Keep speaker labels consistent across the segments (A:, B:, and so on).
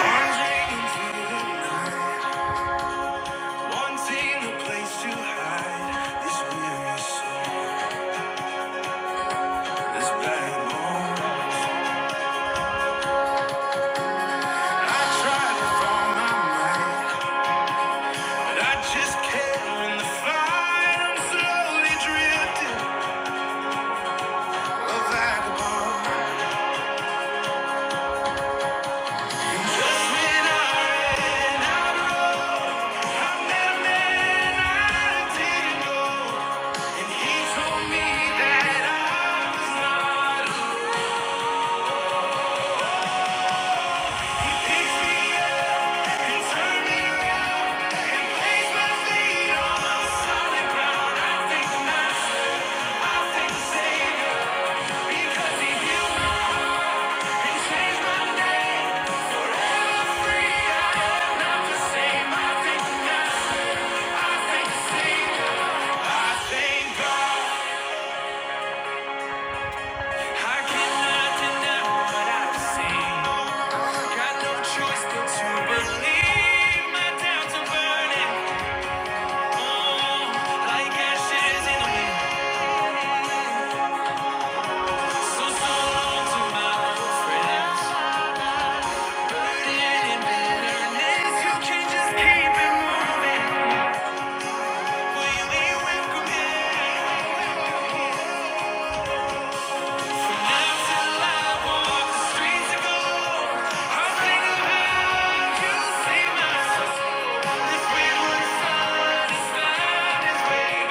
A: Arms ringing the night, wanting a place to hide this weary soul, this bad I try to find my mind, but I just can't win the fight. I'm slowly drifting, a vagabond. just when I ran out, I met a man I didn't know, and he told me that I was not alone. Picked me up and turned me around. Thank you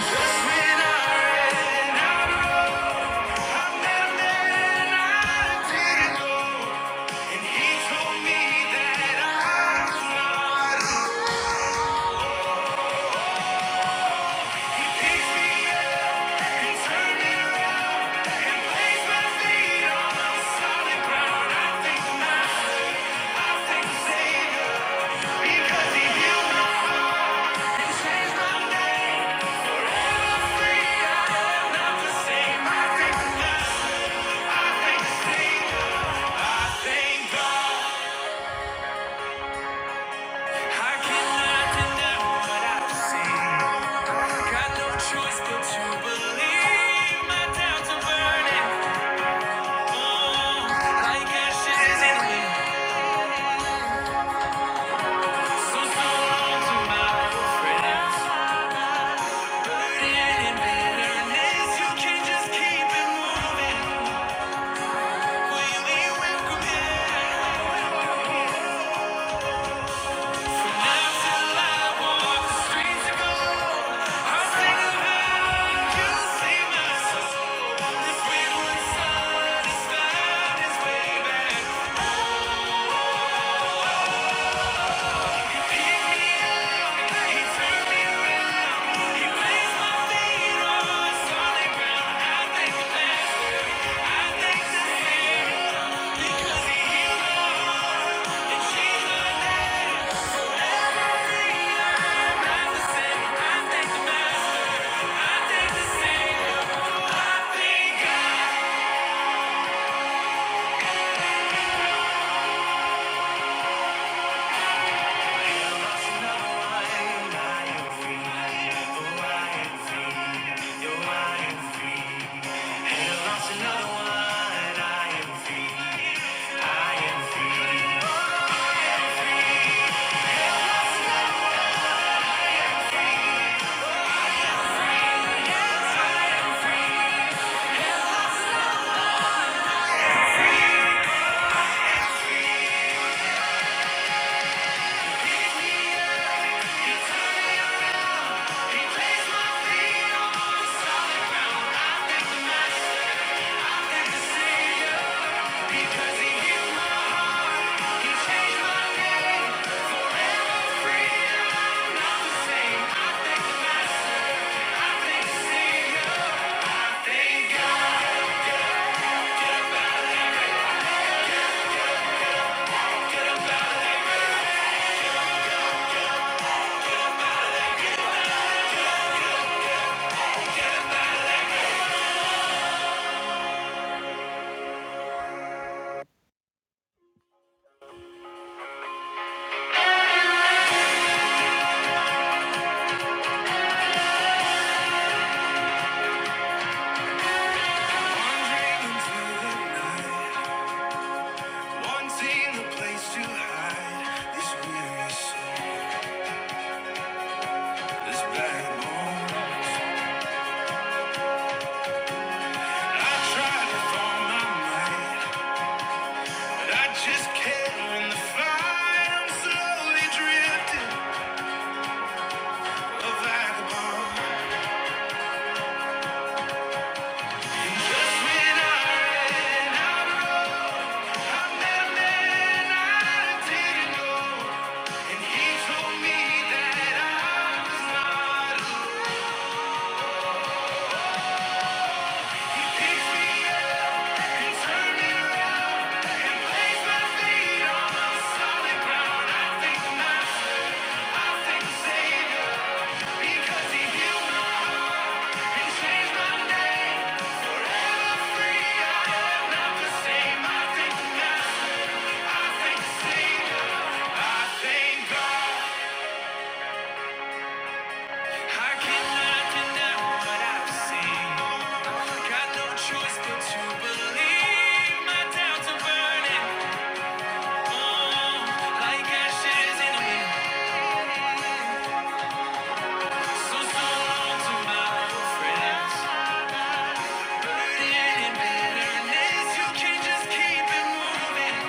A: When I ran out, I met a man I didn't know. And he told me that I'm not alone. He me up and turned me around, placed my feet on solid ground. I think now, I think I cannot deny what I've seen. Got no choice but to believe. My doubts are burning like ashes in the So so long to my friends, burden and bitterness. You can just keep it moving. Wanting a place to hide this weary soul, this bad bones. I try to find my mind, but I just can't win the fight. I'm slowly drifting, a vagabond. And just when I ran out, I met a man I didn't know. And he told me that I was not alone. Picked me up and turned me around. Placed my feet on solid ground. Say because he knew my name, I cannot deny what I've seen. Got no choice but to believe. My doubts are burning like ashes in a wind. So so long to my old friends. Burden and bitterness, you can just keep it moving.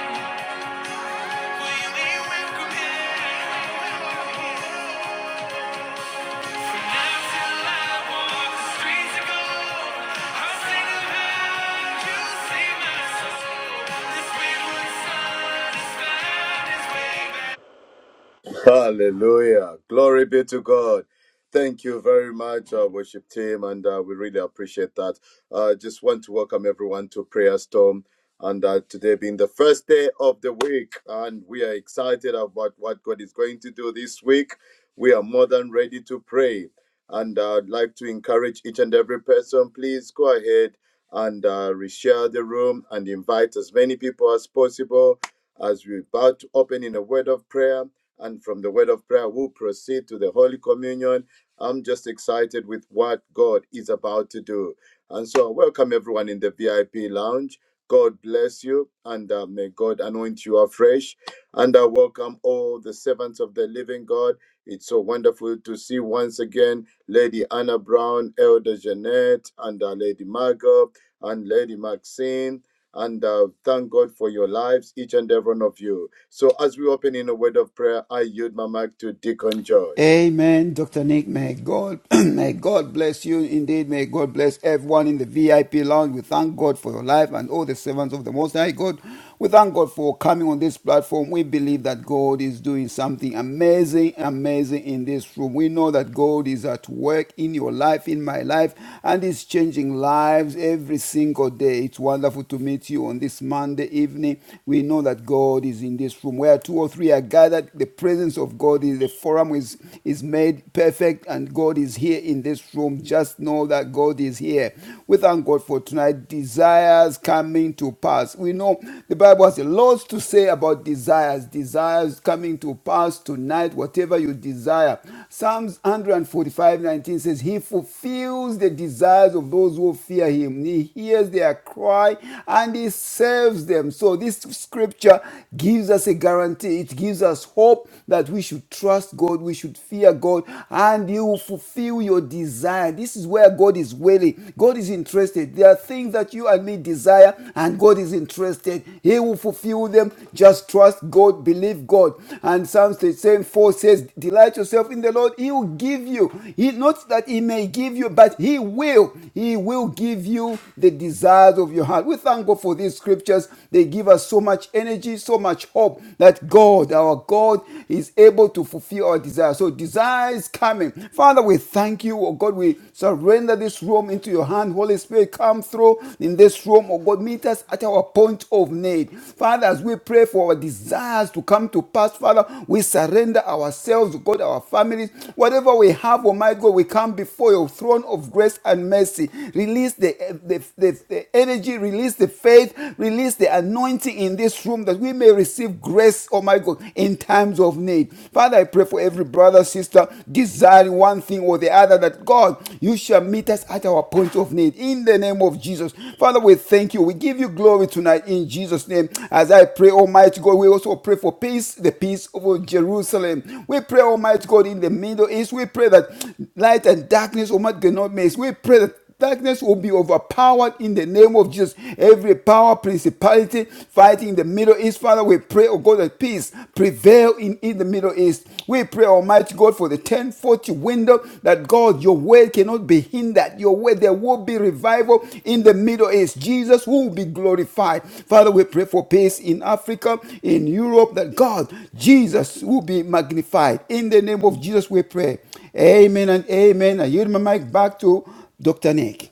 B: Hallelujah. Glory be to God. Thank you very much, our worship team, and uh, we really appreciate that. uh, just want to welcome everyone to Prayer Storm, and uh, today being the first day of the week, and we are excited about what God is going to do this week. We are more than ready to pray, and uh, I'd like to encourage each and every person, please go ahead and uh, reshare the room and invite as many people as possible as we about to open in a word of prayer. And from the word of prayer, we'll proceed to the Holy Communion. I'm just excited with what God is about to do. And so, welcome everyone in the VIP lounge. God bless you, and uh, may God anoint you afresh. And I welcome all the servants of the living God. It's so wonderful to see once again Lady Anna Brown, Elder Jeanette, and uh, Lady Margot, and Lady Maxine and uh, thank God for your lives, each and every one of you. So, as we open in a word of prayer, I yield my mic to Deacon George.
C: Amen, Dr. Nick. May God, may God bless you. Indeed, may God bless everyone in the VIP lounge. We thank God for your life and all the servants of the Most High God. We thank God for coming on this platform. We believe that God is doing something amazing, amazing in this room. We know that God is at work in your life, in my life, and is changing lives every single day. It's wonderful to meet you on this Monday evening. We know that God is in this room. Where two or three are gathered, the presence presence of God is. The forum is, is made perfect, and God is here in this room. Just know that God is here. We thank God for tonight. Desires coming to pass. We know the Bible has a lot to say about desires. Desires coming to pass tonight, whatever you desire. Psalms 145:19 says, He fulfills the desires of those who fear him. He hears their cry and he saves them. So this scripture gives us a guarantee. It gives us hope that we should trust God, we should fear God, and he will fulfill your desire. This is where God is willing. God is interested. There are things that you and me desire, and God is interested. He will fulfill them freedom. Just trust God, believe God. And Psalms the same 4 says, Delight yourself in the Lord, He will give you. He not that He may give you, but He will. He will give you the desires of your heart. We thank God for these scriptures. They give us so much energy, so much hope that God, our God, is able to fulfill our desires. So desire is coming. Father, we thank you, oh God. We surrender this room into your hand, Holy Holy Spirit, come through in this room, oh God. Meet us at our point of need. Father, as we pray for our desires to come to pass, Father, we surrender ourselves, oh God, our families, whatever we have, oh my God, we come before your throne of grace and mercy. Release the, the, the, the energy, release the faith, release the anointing in this room that we may receive grace, oh my God, in times of need. Father, I pray for every brother, brother, sister, desiring one thing or the other, that God, you shall meet us at our point of need in the name of Jesus. Father, we thank you. We give you glory tonight in Jesus' name. As I pray, Almighty God, we also pray for peace, the peace over Jerusalem. We pray, Almighty God, in the Middle East. We pray that light and darkness, Almighty God, not mix. We pray that darkness will be overpowered in the name of Jesus. Every power, principality fighting in the Middle East, Father, we pray, oh God, that peace prevail in, in the Middle East. We pray, Almighty God, for the 1040 window that God, your word cannot be hindered. Your word, there will be revival in the Middle East. Jesus will be glorified. Father, we pray for peace in Africa, in Europe, that God, Jesus will be magnified. In the name of Jesus, we pray. Amen and amen. I yield my mic back to Dr. Nick.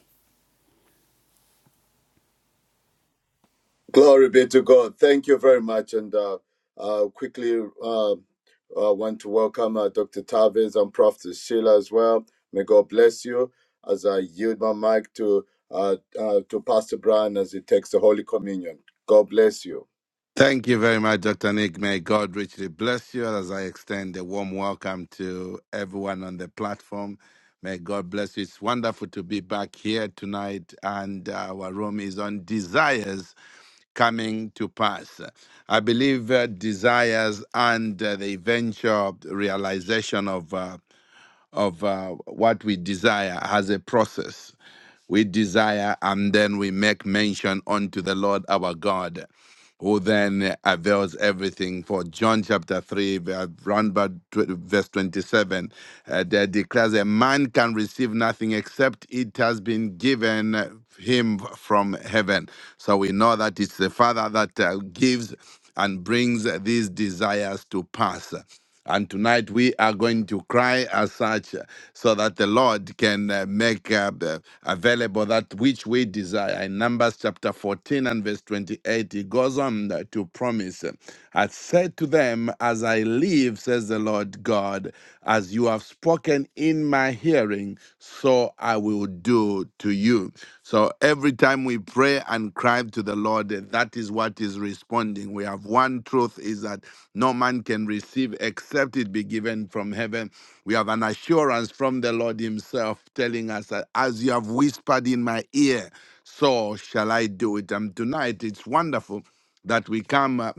B: Glory be to God. Thank you very much. And uh, uh, quickly uh, uh, want to welcome uh, Dr. Tavis and Prof. Sheila as well. May God bless you as I yield my mic to, uh, uh, to Pastor Brian as he takes the Holy Communion. God bless you.
D: Thank you very much, Dr. Nick. May God richly bless you as I extend a warm welcome to everyone on the platform. May God bless you. It's wonderful to be back here tonight, and uh, our room is on desires coming to pass. I believe uh, desires and uh, the eventual realization of. Uh, of uh, what we desire has a process. We desire, and then we make mention unto the Lord our God, who then avails everything. For John chapter 3, ver- round about tw- verse 27, uh, that declares a man can receive nothing except it has been given him from heaven. So we know that it's the Father that uh, gives and brings these desires to pass. And tonight we are going to cry as such uh, so that the Lord can uh, make uh, the- available that which we desire. In Numbers chapter 14 and verse 28, he goes on uh, to promise, uh, I said to them, As I live, says the Lord God, as you have spoken in my hearing, so I will will do to you. So every time we pray and cry to the Lord, eh, that is what is responding. We have one truth is that no man can receive except it be given from heaven. We have an assurance from the Lord Himself telling us that as you have whispered in my ear, so shall I do it. And tonight it's wonderful that we come. uh,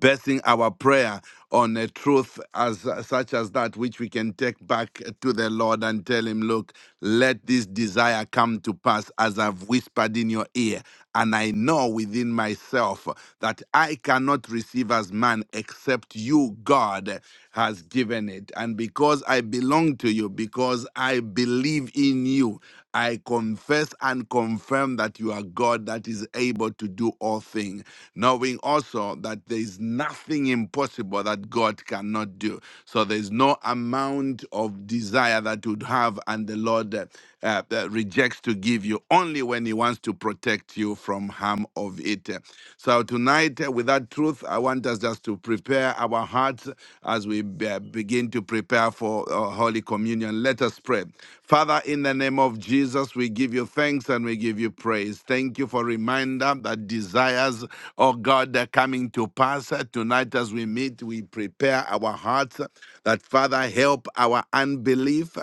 D: basing our prayer on a truth as such as that which we can take back to the lord and tell him look let this desire come to pass as i've whispered in your ear and i know within myself that i cannot receive as man except you god has given it and because i belong to you because i believe in you I confess and confirm that you are God that is able to do all things, knowing also that there is nothing impossible that God cannot do. So there's no amount of desire that you would have, and the Lord uh, uh, uh, rejects to give you only when He wants to protect you from harm of it. So tonight, uh, with that truth, I want us just to prepare our hearts as we uh, begin to prepare for uh, Holy Communion. Let us pray. Father, in the name of Jesus, we give you thanks and we give you praise. Thank you for reminder that desires, oh God, are coming to pass. Tonight, as we meet, we prepare our hearts that, Father, help our unbelief.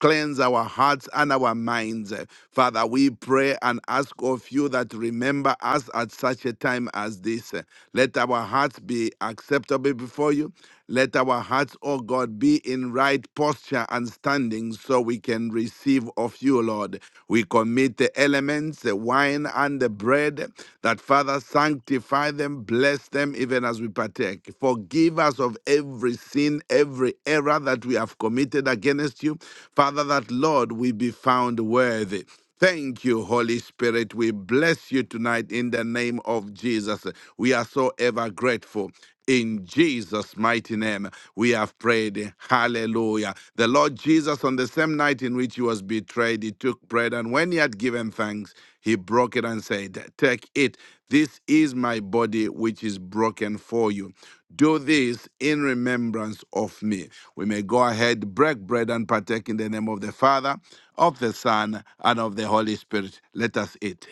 D: Cleanse our hearts and our minds. Father, we pray and ask of you that remember us at such a time as this. Let our hearts be acceptable before you. Let our hearts hearts, O God, be in right posture and standing so we can receive of you, Lord. We commit the elements, the wine and the bread, that Father, sanctify them, bless them even as we partake. Forgive us of every sin, every error that we have committed against you. Father, that, Lord, we be found worthy. Thank you, Holy Spirit. We bless you tonight in the name of Jesus. We are so ever grateful. In Jesus' mighty name, we have prayed. Hallelujah. The Lord Jesus, on the same night in which he was betrayed, he took bread, and when he had given thanks, thanks, he broke it and said, Take it. This is my body, which is broken for you. Do this in remembrance of me. We may go ahead, break bread, and partake in the name of the Father, of the Son, and of the Holy Spirit. Let us eat.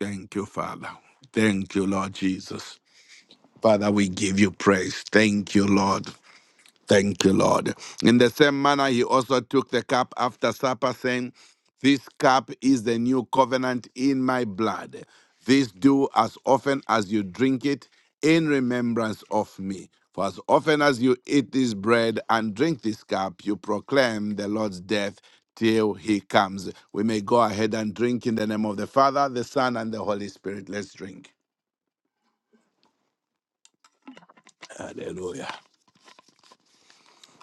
D: Thank you, Father. Thank you, Lord Jesus. Father, we give you praise. Thank you, Lord. Thank you, Lord. In the same manner, he also took the cup after supper, saying, This cup is the new covenant in my blood. This do as often as you drink it in remembrance of me. For as often as you eat this bread and drink this cup, you proclaim the Lord's death till he comes. We may go ahead and drink in the name of the Father, the Son, and the Holy Spirit. Let's drink. Hallelujah.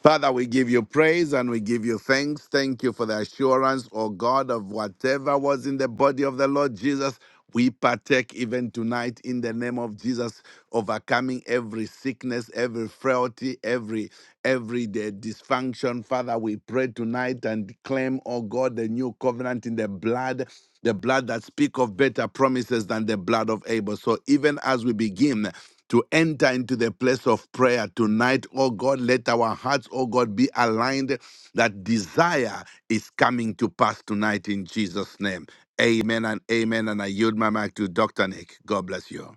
D: Father, we give you praise and we give you thanks. Thank you for the assurance, O God, of whatever was in the body of the Lord Jesus. We partake even tonight in the name of Jesus, overcoming every sickness, every frailty, every every day dysfunction. Father, we pray tonight and claim, O God, the new covenant in the blood the blood that speak of better promises than the blood of Abel. So even as we begin, to enter into the place of prayer tonight. Oh God, let our hearts, oh God, be aligned that desire is coming to pass tonight in Jesus' name. Amen and amen. And I yield my mic to Dr. Nick. God bless you.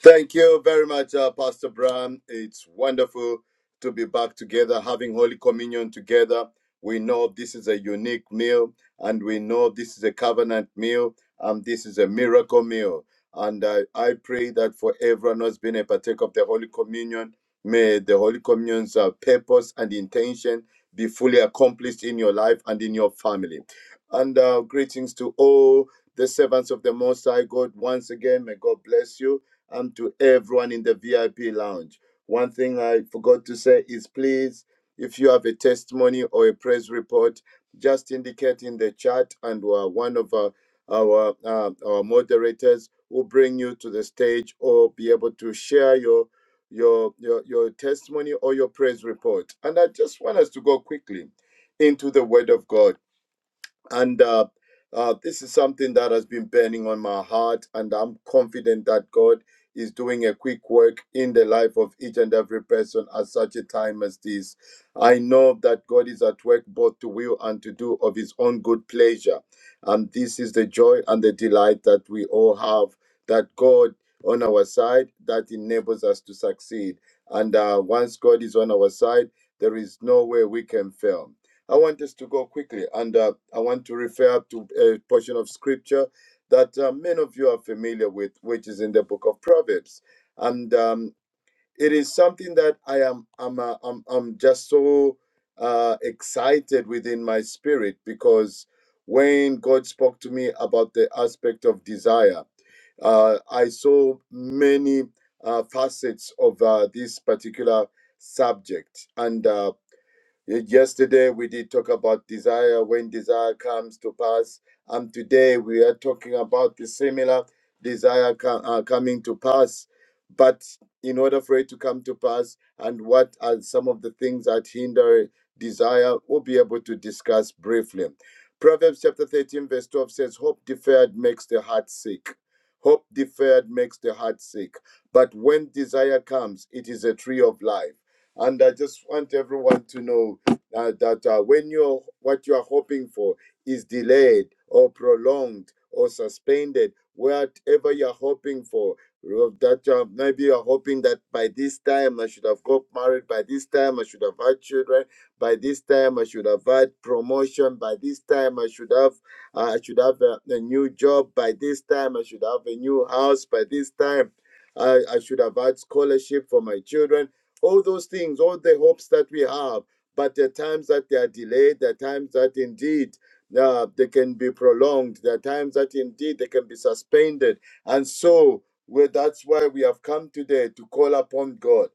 B: Thank you very much, uh, Pastor Brown. It's wonderful to be back together, having Holy Communion together. We know this is a unique meal, and we know this is a covenant meal, and this is a miracle meal. And I, I pray that for everyone who's been a partaker of the Holy Communion, may the Holy Communion's uh, purpose and intention be fully accomplished in your life and in your family. And uh, greetings to all the servants of the Most High God. Once again, may God bless you and to everyone in the VIP lounge. One thing I forgot to say is please, if you have a testimony or a praise report, just indicate in the chat, and uh, one of our our, uh, our moderators will bring you to the stage or be able to share your your your your testimony or your praise report. And I just want us to go quickly into the Word of God and uh, uh, this is something that has been burning on my heart and i'm confident that god is doing a quick work in the life of each and every person at such a time as this i know that god is at work both to will and to do of his own good pleasure and this is the joy and the delight that we all have that god on our side that enables us to succeed and uh, once god is on our side there is no way we can fail I want us to go quickly, and uh, I want to refer to a portion of scripture that uh, many of you are familiar with, which is in the book of Proverbs, and um, it is something that I am I'm uh, I'm, I'm just so uh, excited within my spirit because when God spoke to me about the aspect of desire, uh, I saw many uh, facets of uh, this particular subject, and. Uh, Ye- Yesterday we did talk about desire when desire comes to pass, and today we are talking about the similar desire co- uh, coming to pass. But in order for it to come to pass, and what are some of the things that hinder desire, we'll be able to discuss briefly. Proverbs chapter 13, verse 12 says, Hope deferred makes the heart sick. Hope deferred makes the heart sick. But when desire comes, it is a tree of life. And I just want everyone to know uh, that uh, when you're what you are hoping for is delayed or prolonged or suspended, whatever you're hoping for, uh, that uh, maybe you're hoping that by this time I should have got married, by this time I should have had children, by this time I should have had promotion, by this time I should have uh, I should have a, a new job, by this time I should have a new house, by this time I, I should have had scholarship for my children. All those things, all the hopes that we have but there are times that they are delayed, there are times that indeed uh, they can be prolonged, there are times that indeed they can be suspended. And so well, that's why we have come today to call upon God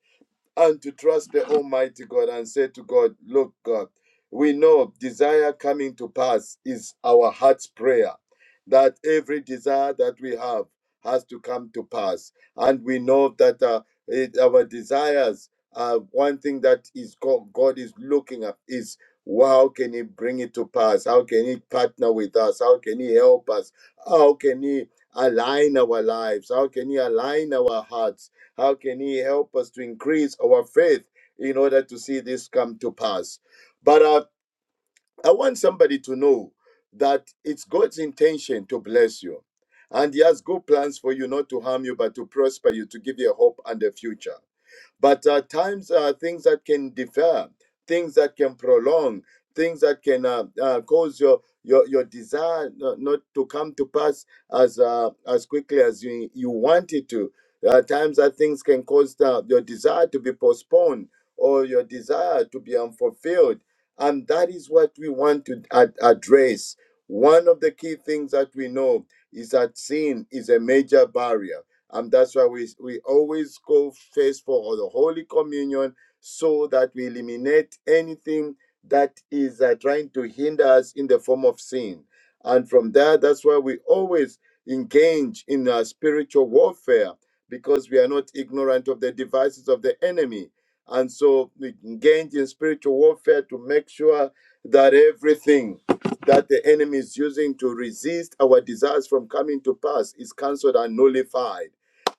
B: and to trust the Almighty God and say to God, Look, God, we know desire coming to pass is our heart's prayer, that every desire that we have has to come to pass. And we know that uh, it, our desires are one thing that is God, God is looking at is well, how can He bring it to pass? How can He partner with us? How can He help us? How can He align our lives? How can He align our hearts? How can He help us to increase our faith in order to see this come to pass? But uh, I want somebody to know that it's God's intention to bless you. And He has good plans for you, not to harm you, but to prosper you, to give you a hope and a future. But at times are things that can defer, things that can prolong, things that can uh, uh, cause your your your desire no- not to come to pass as uh, as quickly as you you want it to. There are times that things can cause the, your desire to be postponed or your desire to be unfulfilled, and that is what we want to ad- address. One of the key things that we know is that sin is a major barrier and that's why we, we always go first for the Holy Communion so that we eliminate anything that is uh, trying to hinder us in the form of sin. And from there, that's why we always engage in uh, spiritual warfare because we are not ignorant of the devices of the enemy. And so we engage in spiritual warfare to make sure that everything that the enemy is using to resist our desires from coming to pass is cancelled and nullified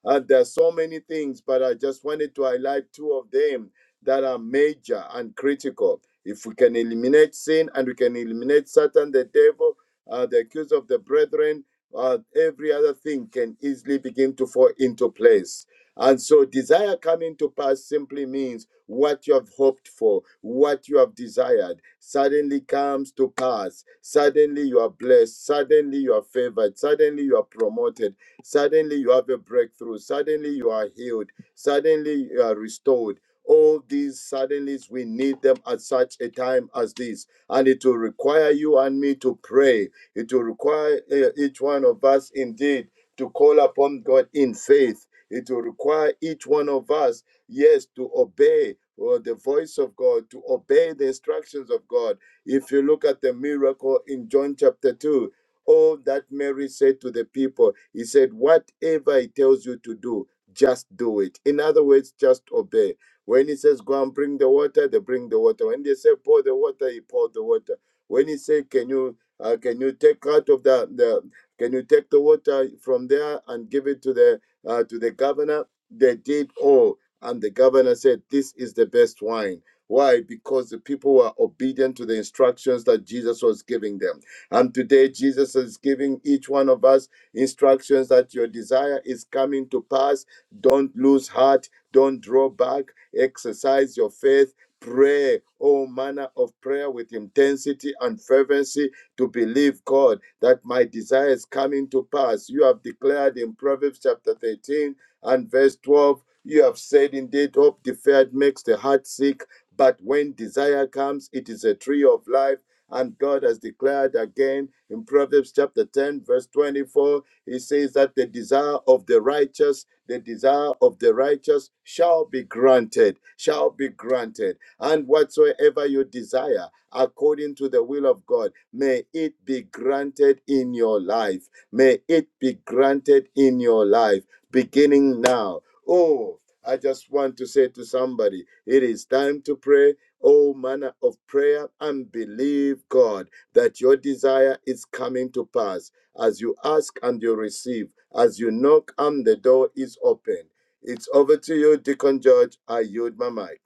B: and there are so many things, but I just wanted to highlight two of them that are major and critical. If we can eliminate sin and we can eliminate Satan, the devil, uh, the accuser of the brethren, uh, every other thing can easily begin to fall into place. And so, desire coming to pass simply means what you have hoped for, what you have desired, suddenly comes to pass. Suddenly, you are blessed. Suddenly, you are favored. Suddenly, you are promoted. Suddenly, you have a breakthrough. Suddenly, you are healed. Suddenly, you are restored. All these suddenlies, we need them at such a time as this. And it will require you and me to pray. It will require uh, each one of us indeed to call upon God in faith it will require each one of us, yes, to obey uh, the voice of God, to obey the instructions of God. If you look at the miracle in John chapter 2, all that Mary said to the people, he said, Whatever he tells you to do, just do it. In other words, just obey. When he says, Go and bring the water, they bring the water. When they say, Pour the water, he poured the water. When he said, Can you uh, can you take out of the, the can you take the water from there and give it to the uh, to the governor. They did all. And the governor said, This is the best wine. Why? Because the people were obedient to the instructions that Jesus was giving them. And today, Jesus is giving each one of us instructions that your desire is coming to pass. Don't lose heart. Don't draw back. Exercise your faith. Pray all manner of prayer with intensity and fervency to believe God that my desire is coming to pass. You have declared in Proverbs chapter 13 and verse 12, you have said, Indeed, hope deferred makes the heart sick, but when desire comes, it is a tree of life. And God has declared again in Proverbs chapter 10, verse 24, he says that the desire of the righteous, the desire of the righteous shall be granted, shall be granted. And whatsoever you desire, according to the will of God, may it be granted in your life. May it be granted in your life, beginning now. Oh, I just want to say to somebody, it is time to pray all manner of prayer and believe God that your desire is coming to pass. As you ask and you receive, as you knock and the door is open. It's over to you, Deacon George. I yield my mic.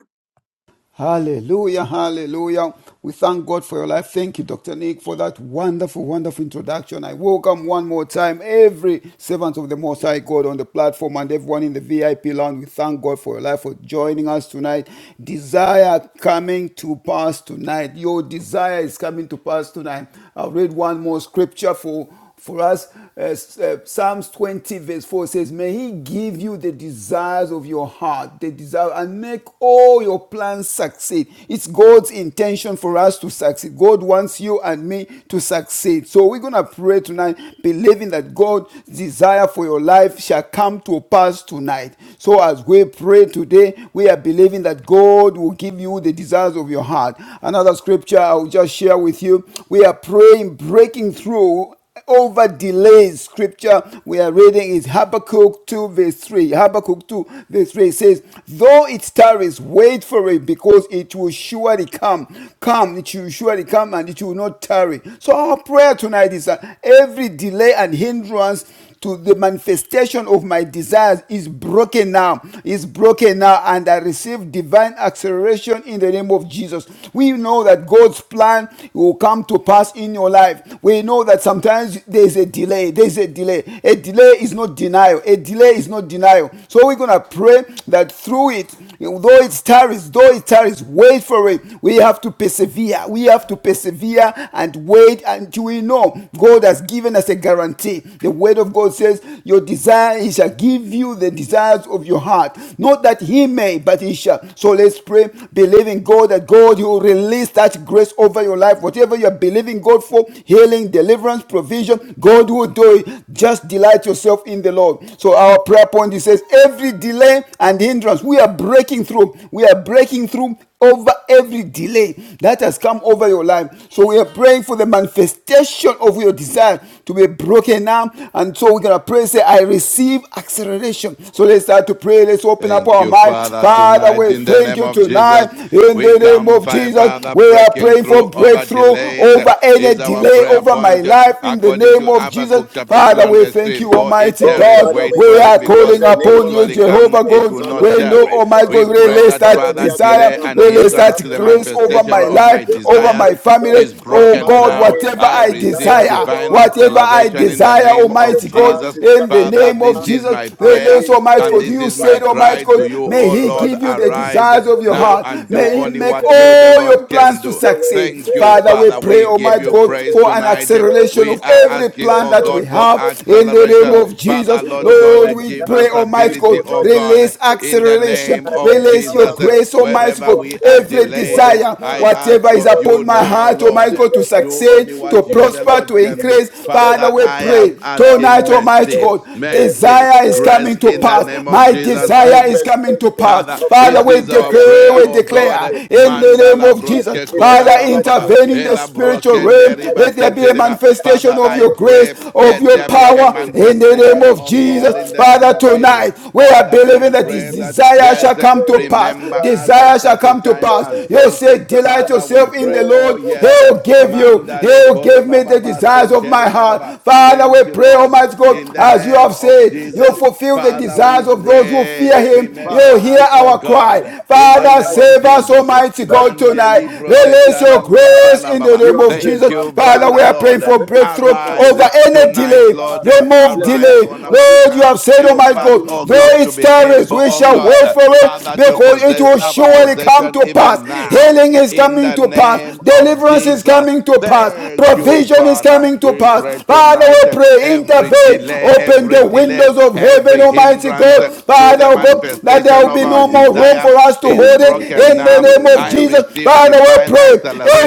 C: Hallelujah, hallelujah. We thank God for your life. Thank you, Dr. Nick, for that wonderful, wonderful introduction. I welcome one more time every servant of the Most High God on the platform and everyone in the VIP lounge. We thank God for your life, for joining us tonight. Desire coming to pass tonight. Your desire is coming to pass tonight. I'll read one more scripture for for us. Uh, uh, Psalms 20, verse 4 says, May He give you the desires of your heart, the desire, and make all your plans succeed. It's God's intention for us to succeed. God wants you and me to succeed. So we're going to pray tonight, believing that God's desire for your life shall come to pass tonight. So as we pray today, we are believing that God will give you the desires of your heart. Another scripture I'll just share with you. We are praying, breaking through over delays scripture we are reading is Habakkuk 2 verse 3. Habakkuk 2 verse 3 says, Though it tarries, wait for it because it will surely come. Come, it will surely come and it will not tarry. So our prayer tonight is that every delay and hindrance to the manifestation of my desires is broken now. Is broken now, and I receive divine acceleration in the name of Jesus. We know that God's plan will come to pass in your life. We know that sometimes there is a delay. There is a delay. A delay is not denial. A delay is not denial. So we're gonna pray that through it, though it tarries, though it tarries, wait for it. We have to persevere. We have to persevere and wait until we know God has given us a guarantee. The word word of God says, Your desire, He shall give you the desires of your heart. Not that He may, but He shall. So let's pray, believing God that God, you will release that grace over your life. Whatever you are believing God for, healing, deliverance, provision, God will do it. Just delight yourself in the Lord. So our prayer point it says, Every delay and hindrance, we are breaking through. We are breaking through over every delay that has come over your life. So we are praying for the manifestation of your desire to be broken now and so we're going to pray, say, I receive acceleration. So let's start to pray. Let's open up
D: Thank
C: our
D: you,
C: mind.
D: Father.
C: Father,
D: Tonight,
C: we
D: in the
C: thank
D: name
C: you
D: of
C: tonight
D: Jesus,
C: in
D: we
C: the name
D: come,
C: of
D: Fa-
C: Jesus.
D: Father,
C: We are
D: breaking
C: praying for
D: through over
C: breakthrough
D: delays uh,
C: over any
D: is our
C: delay
D: prayer
C: over my
D: point. uh,
C: life in the
D: According
C: name
D: to
C: of Jesus.
D: Habakkuk chapter 2
C: Father,
D: and
C: we
D: verse
C: thank
D: 3,
C: you,
D: though it
C: Almighty
B: Oh,
D: tarries,
B: Father,
C: God.
D: wait
B: we
C: We
D: for
B: come
D: it
C: are
B: to you in
D: because
C: calling
B: the
D: it will
B: name
C: upon
B: of
C: you,
D: surely
B: Jesus
D: come,
C: Jehovah
B: Christ, the
D: it
C: God.
D: will
B: Son of
D: not
C: We
B: the
C: know,
D: tarry.
B: living
C: Almighty
B: God.
D: We
C: God,
D: pray
B: Our
C: release
D: that,
B: Father,
C: that
B: we
D: Father,
B: are calling
C: desire,
D: delay and
B: upon you,
C: release
B: the
D: hindrance to
C: that
D: the
B: covenant
C: grace over
B: keeping
D: manifestation
C: my
B: God,
D: of my
C: life,
B: the
C: over
D: desires
C: my
B: Almighty God.
C: family.
D: is
B: The
C: Oh
D: broken
C: God,
B: Father,
D: now.
C: whatever
D: I
B: every
C: I
D: receive
B: desire
C: desire,
B: of
D: divine
B: our
C: whatever
B: heart
C: I
D: acceleration in
B: is
C: desire
D: the
C: fire,
D: name
B: coming to
D: of
C: Almighty God,
B: pass,
D: Jesus.
B: is
C: in the
B: coming to
D: Father,
C: name of
D: this
B: pass
D: is
C: Jesus.
D: my
B: as
D: prayer
C: Release,
B: we
C: Almighty
B: pray.
D: and
C: God.
D: this
C: You
D: is my
C: said,
B: Father, we need
C: Almighty
D: cry to
C: God,
D: you,
C: may
B: breakthrough
D: O
C: He
B: over
D: Lord,
C: give you the
B: delays
D: arise
C: desires of
B: of
C: your
B: our
D: now
C: heart.
D: and do
C: May He
B: desires
D: only
B: in
C: make
B: the
D: what you,
B: name
D: the
B: of
C: all your
D: Lord,
B: Jesus.
C: plans
D: can
C: to
D: do.
B: Your word
C: succeed.
D: Thank you,
B: declares
C: Father,
B: in
C: we
D: Father.
C: pray,
D: We
B: Habakkuk
D: give
C: Almighty
B: chapter
D: you
B: 2,
C: God,
D: praise
B: verse
C: for an
B: 3,
D: tonight.
B: though
C: acceleration
B: it
D: We
C: of
D: are
C: every
B: tarries,
D: asking,
C: plan
B: wait
D: oh
C: that
B: for
C: we
D: God,
B: it
D: for
B: because
C: have
B: it
C: in the
B: will
C: name
D: acceleration.
C: of
B: surely
C: Jesus.
D: Father,
B: it will
D: Lord
C: Lord,
D: God,
B: surely
C: we
D: give
B: come.
C: pray,
D: us
B: It
C: Almighty
D: ability,
B: will
C: God,
D: oh
B: not
D: God
C: release
B: tarry.
D: in the
C: acceleration,
D: name
B: Father,
D: of
B: let
C: release your
B: our
D: Jesus. And
C: grace,
B: mighty God,
C: Almighty
D: Wherever
C: God.
B: our
D: we are
C: Every
B: breakthrough
D: delayed, eh,
B: surely
C: desire,
D: I
B: come
D: ask
C: whatever
B: and
C: is
D: of
B: not
C: upon
D: you
C: my
D: now,
B: tarry.
C: heart, Almighty
D: Lord,
B: In
D: eh,
C: God, to
B: the name
D: do
B: of
D: only
C: succeed, to
D: what you,
B: Jesus
D: the
C: prosper,
B: Christ,
C: to
D: Lord,
B: the
D: can do.
C: increase.
B: Son of the
C: Father,
D: Father,
C: we
B: living
C: pray
D: I
B: God.
C: pray
D: am asking
C: tonight,
B: Father, we
C: Almighty
D: mercy,
B: pray
C: God,
B: every
D: mercy,
C: desire is
B: delay
D: grace
B: and
C: coming to
D: in the
C: pass.
B: hindrance
D: name of
C: My
B: to the
D: Jesus. Mm.
C: desire is coming to
B: manifestation
D: Father,
C: pass.
B: of my
C: Father,
D: this
C: we
D: is our
B: desire
C: declare,
D: prayer,
B: is
C: we
D: oh
C: declare
D: God.
B: broken,
C: in the
B: is
C: name
D: Mandala
C: of
B: shattered,
C: Jesus.
D: broske
B: is
D: kora
C: Father,
D: baba
B: rendered
D: baba.
C: intervene
B: useless
C: in the
B: and
D: Ela
C: spiritual
B: powerless.
C: realm.
D: brokende
B: I
D: riba
C: Let there
B: receive
C: be
D: sete
C: a
D: riba.
B: divine
D: Father,
C: manifestation of
D: I
C: your
B: acceleration
C: grace,
D: pray,
B: in
C: of
D: let
C: your
D: there be
B: Jesus'
D: a
C: power
B: name.
C: in the
B: I
C: name
D: manifestation,
C: of
D: oh
B: receive
D: God, in
C: Jesus.
B: divine
D: the name
C: Father,
D: of Jesus.
C: tonight
B: acceleration
C: we are
B: in
D: Father, we
C: believing that
B: Jesus'
C: this
D: pray
B: name.
D: that,
C: desire
B: I
D: yes,
C: shall come to
B: pray
C: pass.
D: remember
B: right
D: us
B: now
D: at
C: Desire shall
D: such a
C: come to
B: in
D: time
B: the
C: pass.
D: as
B: name
C: You
B: of
D: this.
C: say,
B: Jesus
C: delight
D: Father,
B: Christ.
D: we
C: yourself in the
D: pray,
B: Oh,
D: oh
C: Lord.
B: Jehovah,
D: yes,
B: my
C: He'll
B: God,
C: give you,
B: cannot
D: mandale
C: He'll
D: kore
B: harm
C: give me
B: that
D: baba
C: the
B: you
D: baba,
B: should love,
C: desires of
D: sente
C: my
D: riba
B: or
C: heart.
B: the
D: baba.
C: Father.
B: Son of
C: Father,
B: Man
C: we
D: Thank
B: that
D: you,
C: pray,
B: you should
D: Lord.
C: Almighty God,
B: repent.
D: In the
C: as you
B: Have
D: name
C: have
B: you
D: of
B: not
C: said,
B: said
C: you
B: said
D: Jesus,
C: fulfill the
B: that you
D: Father, we
C: desires
B: don't
C: of those
B: make
C: who
B: it
D: pray,
C: fear
B: good.
C: him.
D: remember
C: You
B: Father,
C: hear
B: this
D: us,
B: is
D: oh
C: our
B: my
C: cry.
D: God,
B: prayer
D: in the
B: and
C: Father,
B: my
D: name of
C: save us,
D: Jesus.
B: intention
C: Almighty
B: that
C: God,
B: my
C: tonight.
D: Mandeli
B: God, you have heard
C: Release
B: my
C: your
B: cry,
C: grace in the
D: baba.
B: you
C: name
B: have
C: of
B: heard
D: Thank
C: Jesus.
B: my
D: you,
C: Father, we
B: prayer,
D: Father,
C: are praying
B: you
D: Lord.
B: have
C: for
B: heard my
C: breakthrough
D: Arise
C: over
B: intercession.
C: any
B: The
D: tonight,
C: delay.
D: Lord.
B: Father,
C: Remove
B: let there
D: Arise
C: delay.
B: be
D: on
B: no
D: our
C: Lord, you
B: delay,
D: behalf.
C: have said,
B: let
D: Help
C: Almighty
B: there
D: us,
B: be
C: God,
B: no
D: oh
C: though
D: God,
B: delay
D: to
C: it
D: be
B: to
C: tarries,
D: able,
B: my
C: we
D: oh
C: shall wait
D: God,
B: desires
C: for it
D: Father, to
C: because it
B: of
D: possess
C: will
D: our
C: surely come
D: possession
C: to
D: even
C: pass.
B: God.
D: now.
C: Healing is
D: In
C: coming
D: the
C: to pass.
D: name of
C: Deliverance is
D: Jesus,
C: coming to pass.
D: Thank you,
C: Provision is
D: Father.
C: coming to
D: We
C: pass.
D: pray
C: Father, Father,
D: tonight
C: we
D: that
C: pray,
D: every
C: intervene,
D: delay,
C: open
D: every
C: the
D: delay,
C: windows of heaven,
D: every
C: Almighty
D: hindrance
C: God.
D: uh,
B: Rabba
D: to
C: Father,
D: the
C: oh God, that there
D: manifestation
C: will
D: of
C: be
D: our
C: no more room
D: desire
C: for us to
D: is
C: hold it
D: broken
C: in the
D: now.
C: name of
D: I
C: Jesus.
D: receive
C: Father, we
D: divine
C: pray,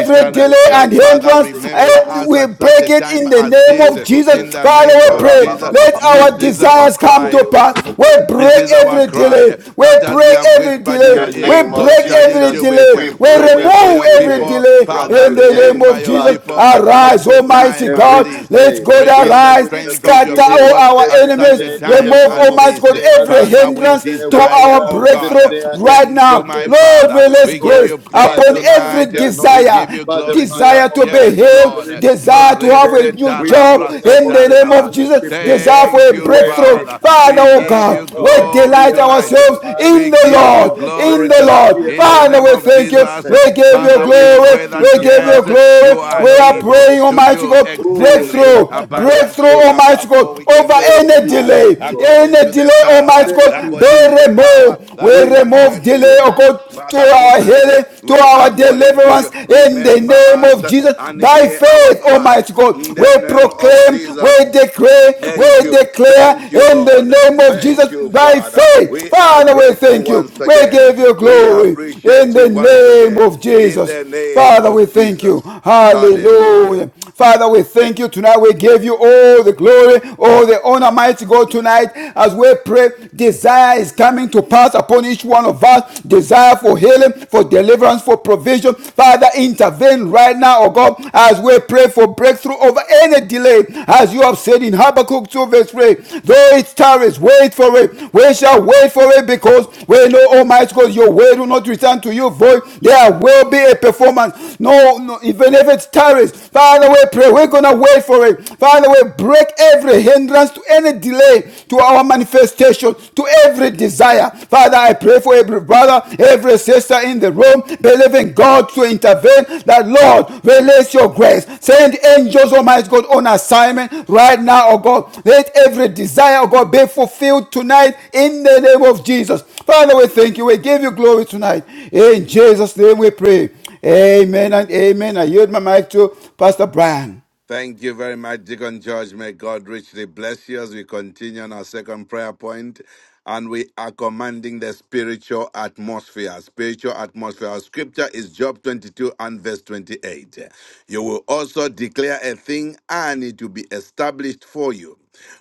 C: every
D: uh,
C: delay
D: that,
C: and
D: Father,
C: hindrance,
D: remember
C: and
D: us
C: we
D: at such
C: break
D: a
C: it
D: time
C: in the
D: as
C: name
D: this.
C: of
D: uh,
C: Jesus.
D: In the
C: Father,
D: name
C: we
D: of
C: pray,
D: Jesus,
C: let
D: this
C: our
D: is our
C: desires come to
D: cry.
C: pass. We
D: This
C: break
D: is our
C: every
D: cry
C: delay. We
D: that as we
C: break
D: have
C: every
D: whispered
B: In
D: in
C: delay.
B: the
D: your ear,
C: We
B: name
D: so
B: of
C: break
D: shall you
C: every
B: Jesus,
D: do it.
C: delay.
B: we
C: We
B: break
D: Do it for
B: every
C: remove
D: your
C: every
B: delay
D: people.
C: delay
B: from
D: Father,
C: in the
B: today.
C: name
D: remember
C: of
D: your
C: Jesus.
D: people
B: Father,
D: at
B: we
C: Arise,
D: such a
B: uproot
C: Almighty
D: time as
C: God.
B: every
D: this.
C: Let let
B: delay.
C: God
B: We
D: Renew the
B: uproot
C: arise,
D: strength
B: every
D: of your
C: scatter
B: delay.
D: people
C: all our
D: at
B: Every
D: such
C: enemies,
D: a
B: delay in
C: remove,
B: the
D: time
B: form
D: as
B: of
C: Almighty
D: this.
C: God,
B: snares.
C: every
D: Father, we
C: hindrance
B: Today
C: to
B: we
D: desire,
C: our
B: declare
D: oh
B: the
C: breakthrough
D: God,
B: snare is
C: right
D: thank you,
C: now.
D: my
B: broken
C: Lord,
B: and
D: Father.
C: release
D: We give
C: grace
B: destroyed
D: you
B: by
D: praise
C: upon
B: the reason of
C: every
D: tonight.
B: the
D: We
B: anointing,
C: desire,
D: give you
B: by the
D: glory
B: fire
C: desire
D: tonight.
B: of
C: to
B: the
C: be
D: Yes,
B: Holy
C: healed,
D: Lord.
B: Spirit.
C: desire
B: From
C: to have a
D: Marese
B: today,
C: new
B: we are
C: job
B: calling
D: talabrase
C: in
B: upon
C: the
B: you,
C: name
D: taribaba.
C: of
B: covenant
C: Jesus,
B: keeping
C: desire
B: God,
C: for
D: Thank
C: a
D: you,
C: breakthrough.
D: Father.
B: Waymaker
C: Father,
D: We
C: oh
B: that
D: give
B: our
D: you
C: God, we
B: God
D: glory
C: delight
B: hear
D: tonight.
B: our
C: ourselves
B: cry,
D: We
C: in the
D: give
B: hear
D: you
C: Lord,
B: our
C: in
D: glory
C: the
B: prayer,
D: tonight.
C: Lord.
B: hear
D: In the
B: our
C: Father,
D: name
C: we
D: of
C: thank you,
D: Jesus,
C: we
B: intercession.
C: give
B: In
C: you
D: Father,
B: the
D: we
B: name of
C: glory,
D: pray that
C: we
B: Jesus
C: give you
D: yes,
B: Christ, the
D: you
C: glory.
D: are
B: Son
C: We
B: of
C: are
B: the
D: able
B: living
C: praying,
D: to
B: God.
C: Almighty
D: do
C: God, breakthrough
B: Oh,
D: exceedingly
C: breakthrough, breakthrough,
D: abundantly
B: Rikaparandoraba.
C: Almighty
D: above all
C: God,
D: we can
C: over
B: Lord,
D: think or
C: any
B: we
D: ask,
B: trust
C: delay,
B: you, O God.
D: according
C: any
D: to the
C: delay,
D: power,
C: Almighty
B: Thank
C: God,
B: you,
C: be
D: according to the
B: Jesus.
D: power
C: removed. We
D: that is
B: We
D: at
B: trust
C: remove
D: work
B: you,
C: delay,
D: within
C: oh
B: Lord.
D: us.
C: God, to
D: Father,
C: our
D: tonight
C: healing, to
D: we
C: our
D: are calling to
C: deliverance
D: you.
C: in the
D: Remember
C: name
D: us
C: of Jesus.
D: and
C: By
D: hear our
C: faith,
D: cry.
C: Almighty God,
D: In
C: we
D: the name of
C: proclaim, we
D: Jesus.
C: declare, we
D: Thank you.
C: declare
D: Thank you,
C: in the
D: Lord.
C: name of
D: Thank
C: Jesus
D: you,
C: by
D: Father.
C: faith.
D: We are
C: Father, we
D: grateful
C: thank you.
D: once
C: We
D: again.
C: give you
D: We
C: glory
D: appreciate
C: in
D: you
C: the
D: once
C: name
D: again
C: of
D: in the
C: Jesus.
D: name
C: Father, we
D: of
C: thank you.
D: Jesus. Hallelujah.
C: Hallelujah. Father, we thank you tonight. We give you all the glory, all the honor, mighty God, tonight as we pray. Desire is coming to pass upon each one of us. Desire for healing, for deliverance, for provision. Father, intervene right now, oh God, as we pray for breakthrough over any delay. As you have said in Habakkuk Book 2, verse 3. Though it tarries, wait for it. We shall wait for it because we know, Almighty God, your word will not return to you void. There will be a performance. No, no even if it tarries, Father, we pray. We're going to wait for it. Father, we break every hindrance to any delay to our manifestation, to every desire. Father, I pray for every brother, every sister in the room believing God to intervene, that Lord, release your grace. Send angels, Almighty God, on assignment right now, oh God. Let every desire, oh God, be fulfilled tonight in the name of Jesus. Father, we thank you. We give you glory tonight. In Jesus' name we pray. Amen and amen. I yield my mic to Pastor Brian.
D: Thank you very much, Deacon George. May God richly bless you as we continue on our second prayer point, And we are commanding the spiritual atmosphere. Spiritual atmosphere. Our scripture is Job 22 and verse 28. You will also declare a thing and it will be established for you.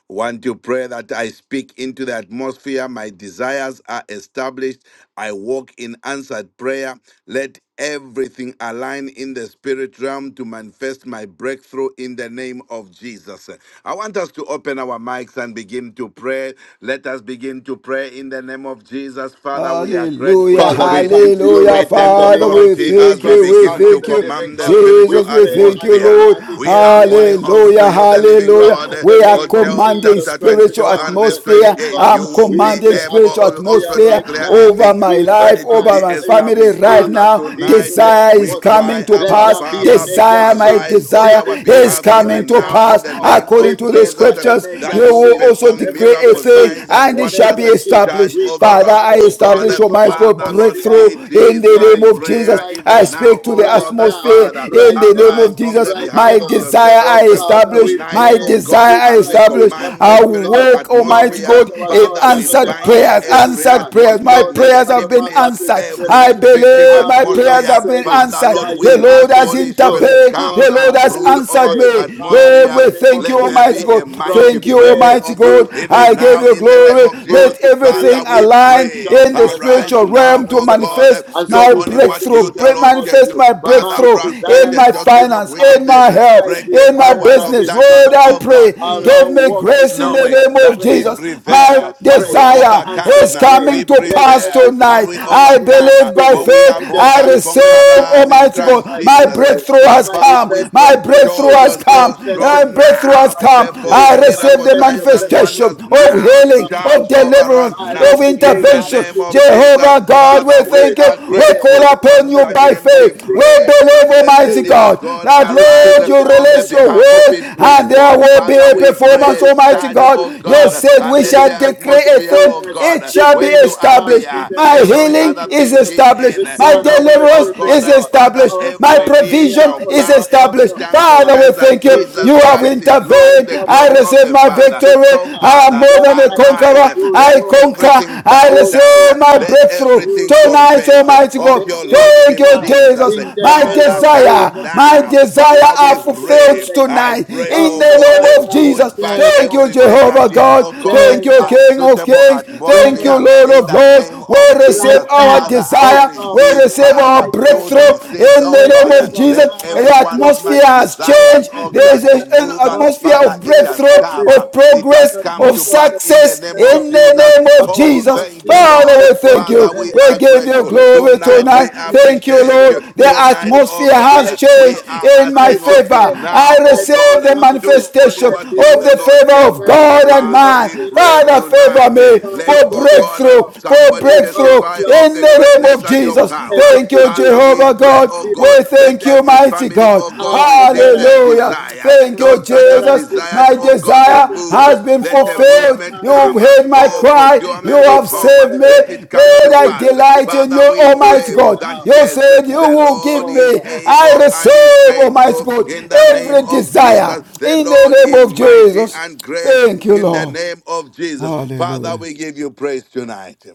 D: Want to pray that I speak into the atmosphere, my desires are established. I walk in answered prayer. Let everything align in the spirit realm to manifest my breakthrough in the name of Jesus. I want us to open our mics and begin to pray. Let us begin to pray in the name of Jesus. Father, we are grateful
C: Hallelujah,
B: Father, we
D: tonight.
B: come to you
C: hallelujah.
D: We
B: right now in
D: take
B: the
C: Father,
B: name of
C: we
D: authority
B: Jesus
D: as
C: thank
D: we
C: you,
B: Christ, the
C: we
B: Son
D: begin
B: of
D: to
C: thank
B: the
C: you.
B: living
D: command the
B: God.
D: spiritual
B: We
C: Jesus, we
B: pray
C: thank
B: and
C: you,
D: atmosphere.
C: Lord.
B: commanding
D: We are
B: every
D: calling on to
C: Hallelujah,
D: you,
B: atmosphere
D: the living
B: right
D: God,
B: now
C: hallelujah.
B: in the
C: We are
D: for
B: name of
D: Job
C: commanding
B: Jesus
D: chapter
B: Christ, the
C: spiritual
D: 22
B: Son
D: and
B: of
D: verse
B: the
C: atmosphere.
B: living
D: 28.
B: God.
D: You
C: I'm
D: will
B: We
D: be
C: commanding
B: pray
D: able
C: spiritual
D: to
B: atmosphere
D: also
C: atmosphere
B: right
D: declare a
B: now.
C: over
D: thing
C: my
B: We
D: and
C: life,
D: it will be
C: over
B: command,
C: my
B: eh,
C: family
D: established.
C: right
B: speak
D: Father,
C: now.
B: into
D: tonight
B: the
C: Desire is
D: we
B: atmosphere.
D: cry,
C: coming to
B: Let
D: Abba,
C: pass.
B: there be a
D: Father,
B: major
C: Desire, my
B: shift
D: arise on
C: desire
D: our
B: taking
C: is
B: place
D: behalf
C: coming
B: right
D: even
C: to
D: now
B: now,
D: in
C: pass.
B: oh
D: the
B: God.
D: name
B: We
C: According
D: of
C: to the
B: pray for
D: Jesus,
B: a
C: scriptures, you
B: major
D: that you
C: will
B: shift,
C: also
D: perform
B: a
C: decree a
B: major
D: miracle
C: thing
B: shift
C: doing,
D: signs, and
C: and
B: a
C: it
D: wonders
C: shall
D: commanders
C: be
B: major
D: uh,
B: shift.
D: charge
C: established.
B: We
D: over
C: Father,
D: us,
C: I
B: command
D: oh
B: the
D: God. Uh,
C: establish,
B: spiritual
C: Almighty God,
D: Father, Lord,
B: atmosphere
C: breakthrough
D: it
B: to
C: in
D: is
C: the
D: my
C: name
B: change
C: of Jesus.
D: prayer
B: right
C: I
D: even
B: now,
D: now,
C: speak to
D: oh
C: the
B: right
D: God, that
C: atmosphere
B: now,
D: Father,
C: in
B: right
C: the name
D: arise
C: of
B: now,
D: on
C: Jesus.
D: the
B: right
C: My
D: behalf of
B: now.
D: your
C: desire
B: Our
C: I
D: servants uh,
B: Father,
C: establish,
B: we
D: tonight,
C: my
B: pray,
D: oh God,
B: we
C: desire I
D: as we
B: trust you,
C: establish.
D: command the
C: I
B: Almighty
D: spiritual
B: God,
C: walk, Almighty
B: knowing
D: atmosphere.
B: that
C: God,
B: our
C: in
B: God,
D: Father,
B: you are
D: we
B: not a
C: answered
B: man
D: bind
B: that
C: prayers,
B: you should
D: every
C: answered
B: lie,
C: prayers.
D: atmosphere
C: My
D: of
B: nor the
C: prayers
B: Son
C: have
B: of
C: been
B: Man
D: negativity,
B: that you
C: answered.
B: should
D: every
C: I
B: repent.
D: restrictive
C: believe
B: Have
C: my
B: you
C: prayers
B: not
D: atmosphere.
C: have been
B: said it?
D: Father, Father,
C: answered.
D: Lord,
B: Shall you
C: The
D: we
B: not
C: Lord
D: ask
B: make
C: has
B: it
D: Holy
B: good?
D: Spirit,
C: intervened.
B: Our
C: The
D: come
C: Lord
D: and
C: has
B: Father, we
D: brood over
C: answered
B: pray
D: the
C: me.
B: Father, in
C: Lord,
D: atmosphere.
B: the
C: we
B: name of
C: thank you,
D: Let there
C: Almighty
D: be
B: Jesus,
C: God.
D: a
C: God.
B: from
D: mighty
C: Thank you,
D: birthing,
B: today
C: Almighty
D: oh God,
C: God.
B: we speak,
C: I
D: even
C: give
D: now
C: you
D: in
B: Almighty
D: the
B: God.
D: name
C: glory.
D: of
B: We'll
D: Jesus.
C: Let
B: decree
D: Father,
B: a
C: everything
D: we
B: thing and
C: align
B: it
D: pray,
B: shall
C: in
B: be
C: the
D: arise
C: spiritual
B: established for
D: now,
C: realm to
D: O
B: us, O God.
D: God,
C: manifest
B: And so
D: do
C: my
B: we
D: only
B: speak
D: what
C: breakthrough.
D: you,
B: into the
D: the Lord, can
C: Manifest
B: atmosphere.
D: do.
C: my
B: My
D: Father,
C: breakthrough
D: frustrate
C: in
B: desires
D: the
C: my
B: are
D: token of
C: finance, in
B: established.
C: my
D: wickedness,
B: My
C: health,
D: break the
C: in my
B: desires
D: powers
B: are
D: of
C: business. Lord,
D: darkness,
C: I
D: O
B: established.
D: God.
C: pray.
B: I'll,
D: Mm
C: Give
B: I'll
C: me
B: walk in
C: grace in the
D: knowing
B: answered
C: name of
D: that we
B: prayer,
C: Jesus my
D: prevail
B: answered
D: and we
B: prayer,
C: desire
D: overcome.
B: answered
C: is
B: prayer.
D: We
C: coming to
B: Let
C: pass
D: prevail
B: everything
D: and
C: tonight.
D: we
B: align
C: I
B: in the
D: overcome,
C: believe by
B: spirit,
D: for we
C: faith.
D: are
B: in the
D: more
C: I
D: than
B: spirit realm
C: receive
B: to
D: conquerors in
C: Almighty
B: manifest
D: Christ
B: my
C: God. My
D: Jesus.
B: breakthrough
C: breakthrough
D: So,
C: has
D: Father,
C: come.
D: we
B: Manifest
D: pray,
B: my
C: My
D: show
C: breakthrough
B: breakthrough.
C: has
D: yourself
C: come.
B: Manifest the
C: My
D: strong
C: breakthrough
B: breakthrough of
C: has
D: now.
B: my
C: come.
B: family.
C: I
D: Perform
C: receive
D: miracle
C: the
B: Manifest the
D: signs and
C: manifestation
B: breakthrough,
D: wonders
B: yes,
C: of
D: now.
B: of my
C: healing, of
D: Charge over
B: household.
C: deliverance,
D: us now.
B: Father,
C: of
B: today
D: In the
B: I
C: intervention,
D: name
B: speak
D: of
B: in the realm
D: Jesus,
C: Jehovah
B: of the
C: God, we
D: Father, we
B: Spirit.
C: thank you.
D: are
B: In
C: We
B: the
D: grateful.
C: call
B: heaven of
C: upon
D: Once
C: you
B: heaven,
C: by
D: again,
B: I
D: we
C: faith.
B: speak
C: We
D: pray
B: right
D: that
B: now.
C: believe,
D: let the
C: Almighty
B: Favor.
D: living
C: God,
D: God
C: that
B: I
D: arise
B: speak
C: Lord,
B: to
C: you
B: the
D: on the
C: release your
B: atmosphere
D: behalf
B: to
D: of
B: be
C: word
D: his
C: and
B: pregnant
D: people.
C: there
B: with
C: will be
D: Father,
C: a
B: blessings,
D: we
B: to
C: performance,
D: pray,
B: be
C: Almighty
D: charge,
B: pregnant
C: God.
B: with
D: oh
C: You
B: power
D: God,
C: said
D: and
C: we
B: to
D: let
B: be
C: shall
D: the
B: pregnant
C: decree
B: with
C: a
D: atmosphere,
C: thing,
D: oh
B: goodness,
C: it
D: God,
C: shall be
D: when you
B: beginning now
C: established.
B: in
D: appear,
B: the
C: My
B: name of
D: every
C: healing
D: other
B: Jesus
C: is
D: thing
B: Christ,
D: give
C: established.
B: the
D: in,
C: My
B: Son of
D: knowing,
B: the
D: oh
C: deliverance
B: living
D: God,
C: is
D: that
B: God.
D: Father,
C: established.
B: Our
C: My
D: every
B: Father,
D: knee
B: we are
C: provision
D: shall
B: calling
C: is
D: bow,
B: upon
D: every
C: established.
B: you,
D: tongue
C: Father,
D: confess
C: we
B: covenant and
D: that
C: thank you.
D: Jesus
C: You
B: keeping
C: have
B: God,
D: Christ is Lord to
C: intervened.
D: the
B: righteous
C: I
D: glory
B: God,
D: of
C: receive
D: the
C: my my
D: Father.
C: victory.
B: merciful
D: So,
B: God,
C: I am
D: Father,
C: more
B: that
C: than a
B: my
D: Arise.
B: God,
C: conqueror.
B: you
C: I
D: Let
B: show
C: conquer.
B: up,
D: everything
C: I
D: bow
B: you
D: down.
B: show
C: receive my
B: up
D: Let
C: breakthrough
B: you
D: everything
B: show
C: tonight,
D: confess
B: up
C: Almighty
D: of
C: God.
D: your
B: beginning
C: Thank
D: Lordship,
C: you,
B: now
D: Jesus.
C: Jesus.
B: in the
C: My
B: name
D: Father,
B: of
D: come
C: desire,
B: Jesus
C: my
B: Christ,
D: now.
B: the
C: desire
D: Father,
C: are
B: Son
D: we
B: of the
C: fulfilled
D: pray.
B: Living
D: I
B: God.
C: tonight
D: pray,
C: in
D: oh
C: the
B: Abba,
D: God,
C: name of
B: Father,
D: push
C: Jesus.
D: back
B: change
C: Thank
B: the
C: you,
D: every
C: Jehovah
B: atmosphere,
D: negative,
C: God.
D: oh God,
C: Thank
B: change
C: you,
B: the
C: King of
D: unsuitable
B: atmosphere,
C: Kings. Thank you,
B: change
D: atmosphere
B: the
C: Lord
D: in
C: of
D: the
C: Lords.
D: name
B: atmosphere
D: of
C: We receive
B: right
D: Jesus.
C: our
B: now.
D: Father, I
B: Oh,
C: desire.
B: for
C: We
B: my
D: receive
B: life,
C: receive
D: power
C: our
B: I
D: to
C: breakthrough
B: command
D: receive,
C: in
D: oh
B: the
C: the name
B: angels
D: God.
C: of
B: of
D: Let
C: Jesus.
B: God
D: every
C: The
D: one
B: to
D: of
B: be
D: my
C: atmosphere
B: at
C: has
B: work
D: desires,
C: changed.
D: oh God.
B: amid
C: There
D: God
C: is
B: an
D: to
C: an
D: move. uh,
B: atmosphere
C: atmosphere
B: of
D: Father,
C: of
D: it
B: angelic
D: has
C: breakthrough,
D: come. uh,
C: of
B: assistance,
D: It
B: an
D: has
C: progress,
D: come
C: of
D: to
B: atmosphere of
D: pass
B: the
D: in the
C: success
D: name
B: presence
D: of
B: of
C: in the
B: God,
D: Jesus.
C: name of
B: an
D: Oh,
C: Jesus.
D: thank you,
B: atmosphere
C: Father,
D: Lord.
B: of
C: we thank
D: Father,
C: you.
D: we
C: We
D: are
B: possibilities,
C: give you
B: an
D: grateful.
C: glory
B: atmosphere
D: Tonight,
B: of
C: tonight.
D: we
C: Thank you,
D: appreciate
B: manifestation
C: Lord.
B: of
D: you.
C: The
D: Tonight,
B: miracles.
D: oh
C: atmosphere
D: God,
C: has
B: Right
D: we
C: changed
B: now,
D: are
C: in my
B: I
D: asking of you
C: favor.
B: declare,
C: I
D: now,
B: I
D: oh
C: receive
D: God,
C: the
B: pronounce it.
D: do only
C: manifestation
B: I
D: what you,
C: of
B: believe
D: the
C: the
B: it.
D: Lord,
C: favor
D: can
C: of
B: Right
D: do.
B: now,
C: God
B: in the
C: and
B: name
D: Father,
B: of
D: we
C: man.
B: Jesus
D: pray
C: Father,
B: Christ,
C: favor
D: tonight.
B: the
C: me
B: Son
D: Let,
B: of
C: for
B: the
D: oh
B: living
D: God,
C: breakthrough,
B: God.
C: for
D: somebody
B: My
C: breakthrough
B: God,
D: testify
B: your
D: of
C: in
D: the
B: mother
C: the
B: is
C: name
D: greatness
C: of
D: and
B: able,
D: your
C: Jesus.
D: power.
B: able
C: Thank
B: to
C: you,
B: do
D: Father, we
C: Jehovah
D: pray,
C: God.
D: oh
C: We
B: exceeding
D: God,
B: and
D: let
C: thank you,
D: every
B: abundantly.
C: mighty
D: family,
C: God.
D: oh God,
B: Above all that
D: receive their
B: I ask,
C: Hallelujah.
D: desire.
C: Thank
B: above
C: you,
D: Those
B: all
D: that have
B: that I
C: Jesus.
B: think,
D: desired,
C: My
D: oh God, to
C: desire
B: according
D: move,
B: to
D: uh,
B: the
C: has been
D: let the
B: power
C: fulfilled.
D: movement
B: that
C: You've
D: come.
B: is
D: uh,
B: at
C: heard my
B: work.
D: Oh,
C: cry. You
B: That
D: procurement of
B: is
C: have
B: at
D: home, uh,
C: saved
B: work.
D: let it
C: me.
D: come
B: That
C: Lord,
D: to
B: is
C: I
D: pass.
B: at
C: delight
B: work.
C: in you,
D: Father, we
C: Almighty
D: pray
B: Even
C: God.
D: that
B: now,
C: You
D: yes, uh,
C: said you
D: the
C: will give
D: Lord
B: oh
D: is
C: me.
B: God.
C: I
D: able and is
C: receive, Almighty
D: faithful
C: God,
D: in the name
C: every
D: of
C: desire
D: Jesus. The
C: in
D: Lord
C: the name
D: is
C: of
D: mighty
C: Jesus.
D: and great
C: Thank you,
D: in the
C: Lord.
D: name of Jesus. Father,
C: Hallelujah.
D: we give you praise tonight.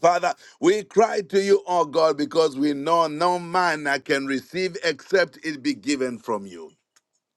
D: Father, we cry to you, oh God, because we know no man can receive except it be given from you.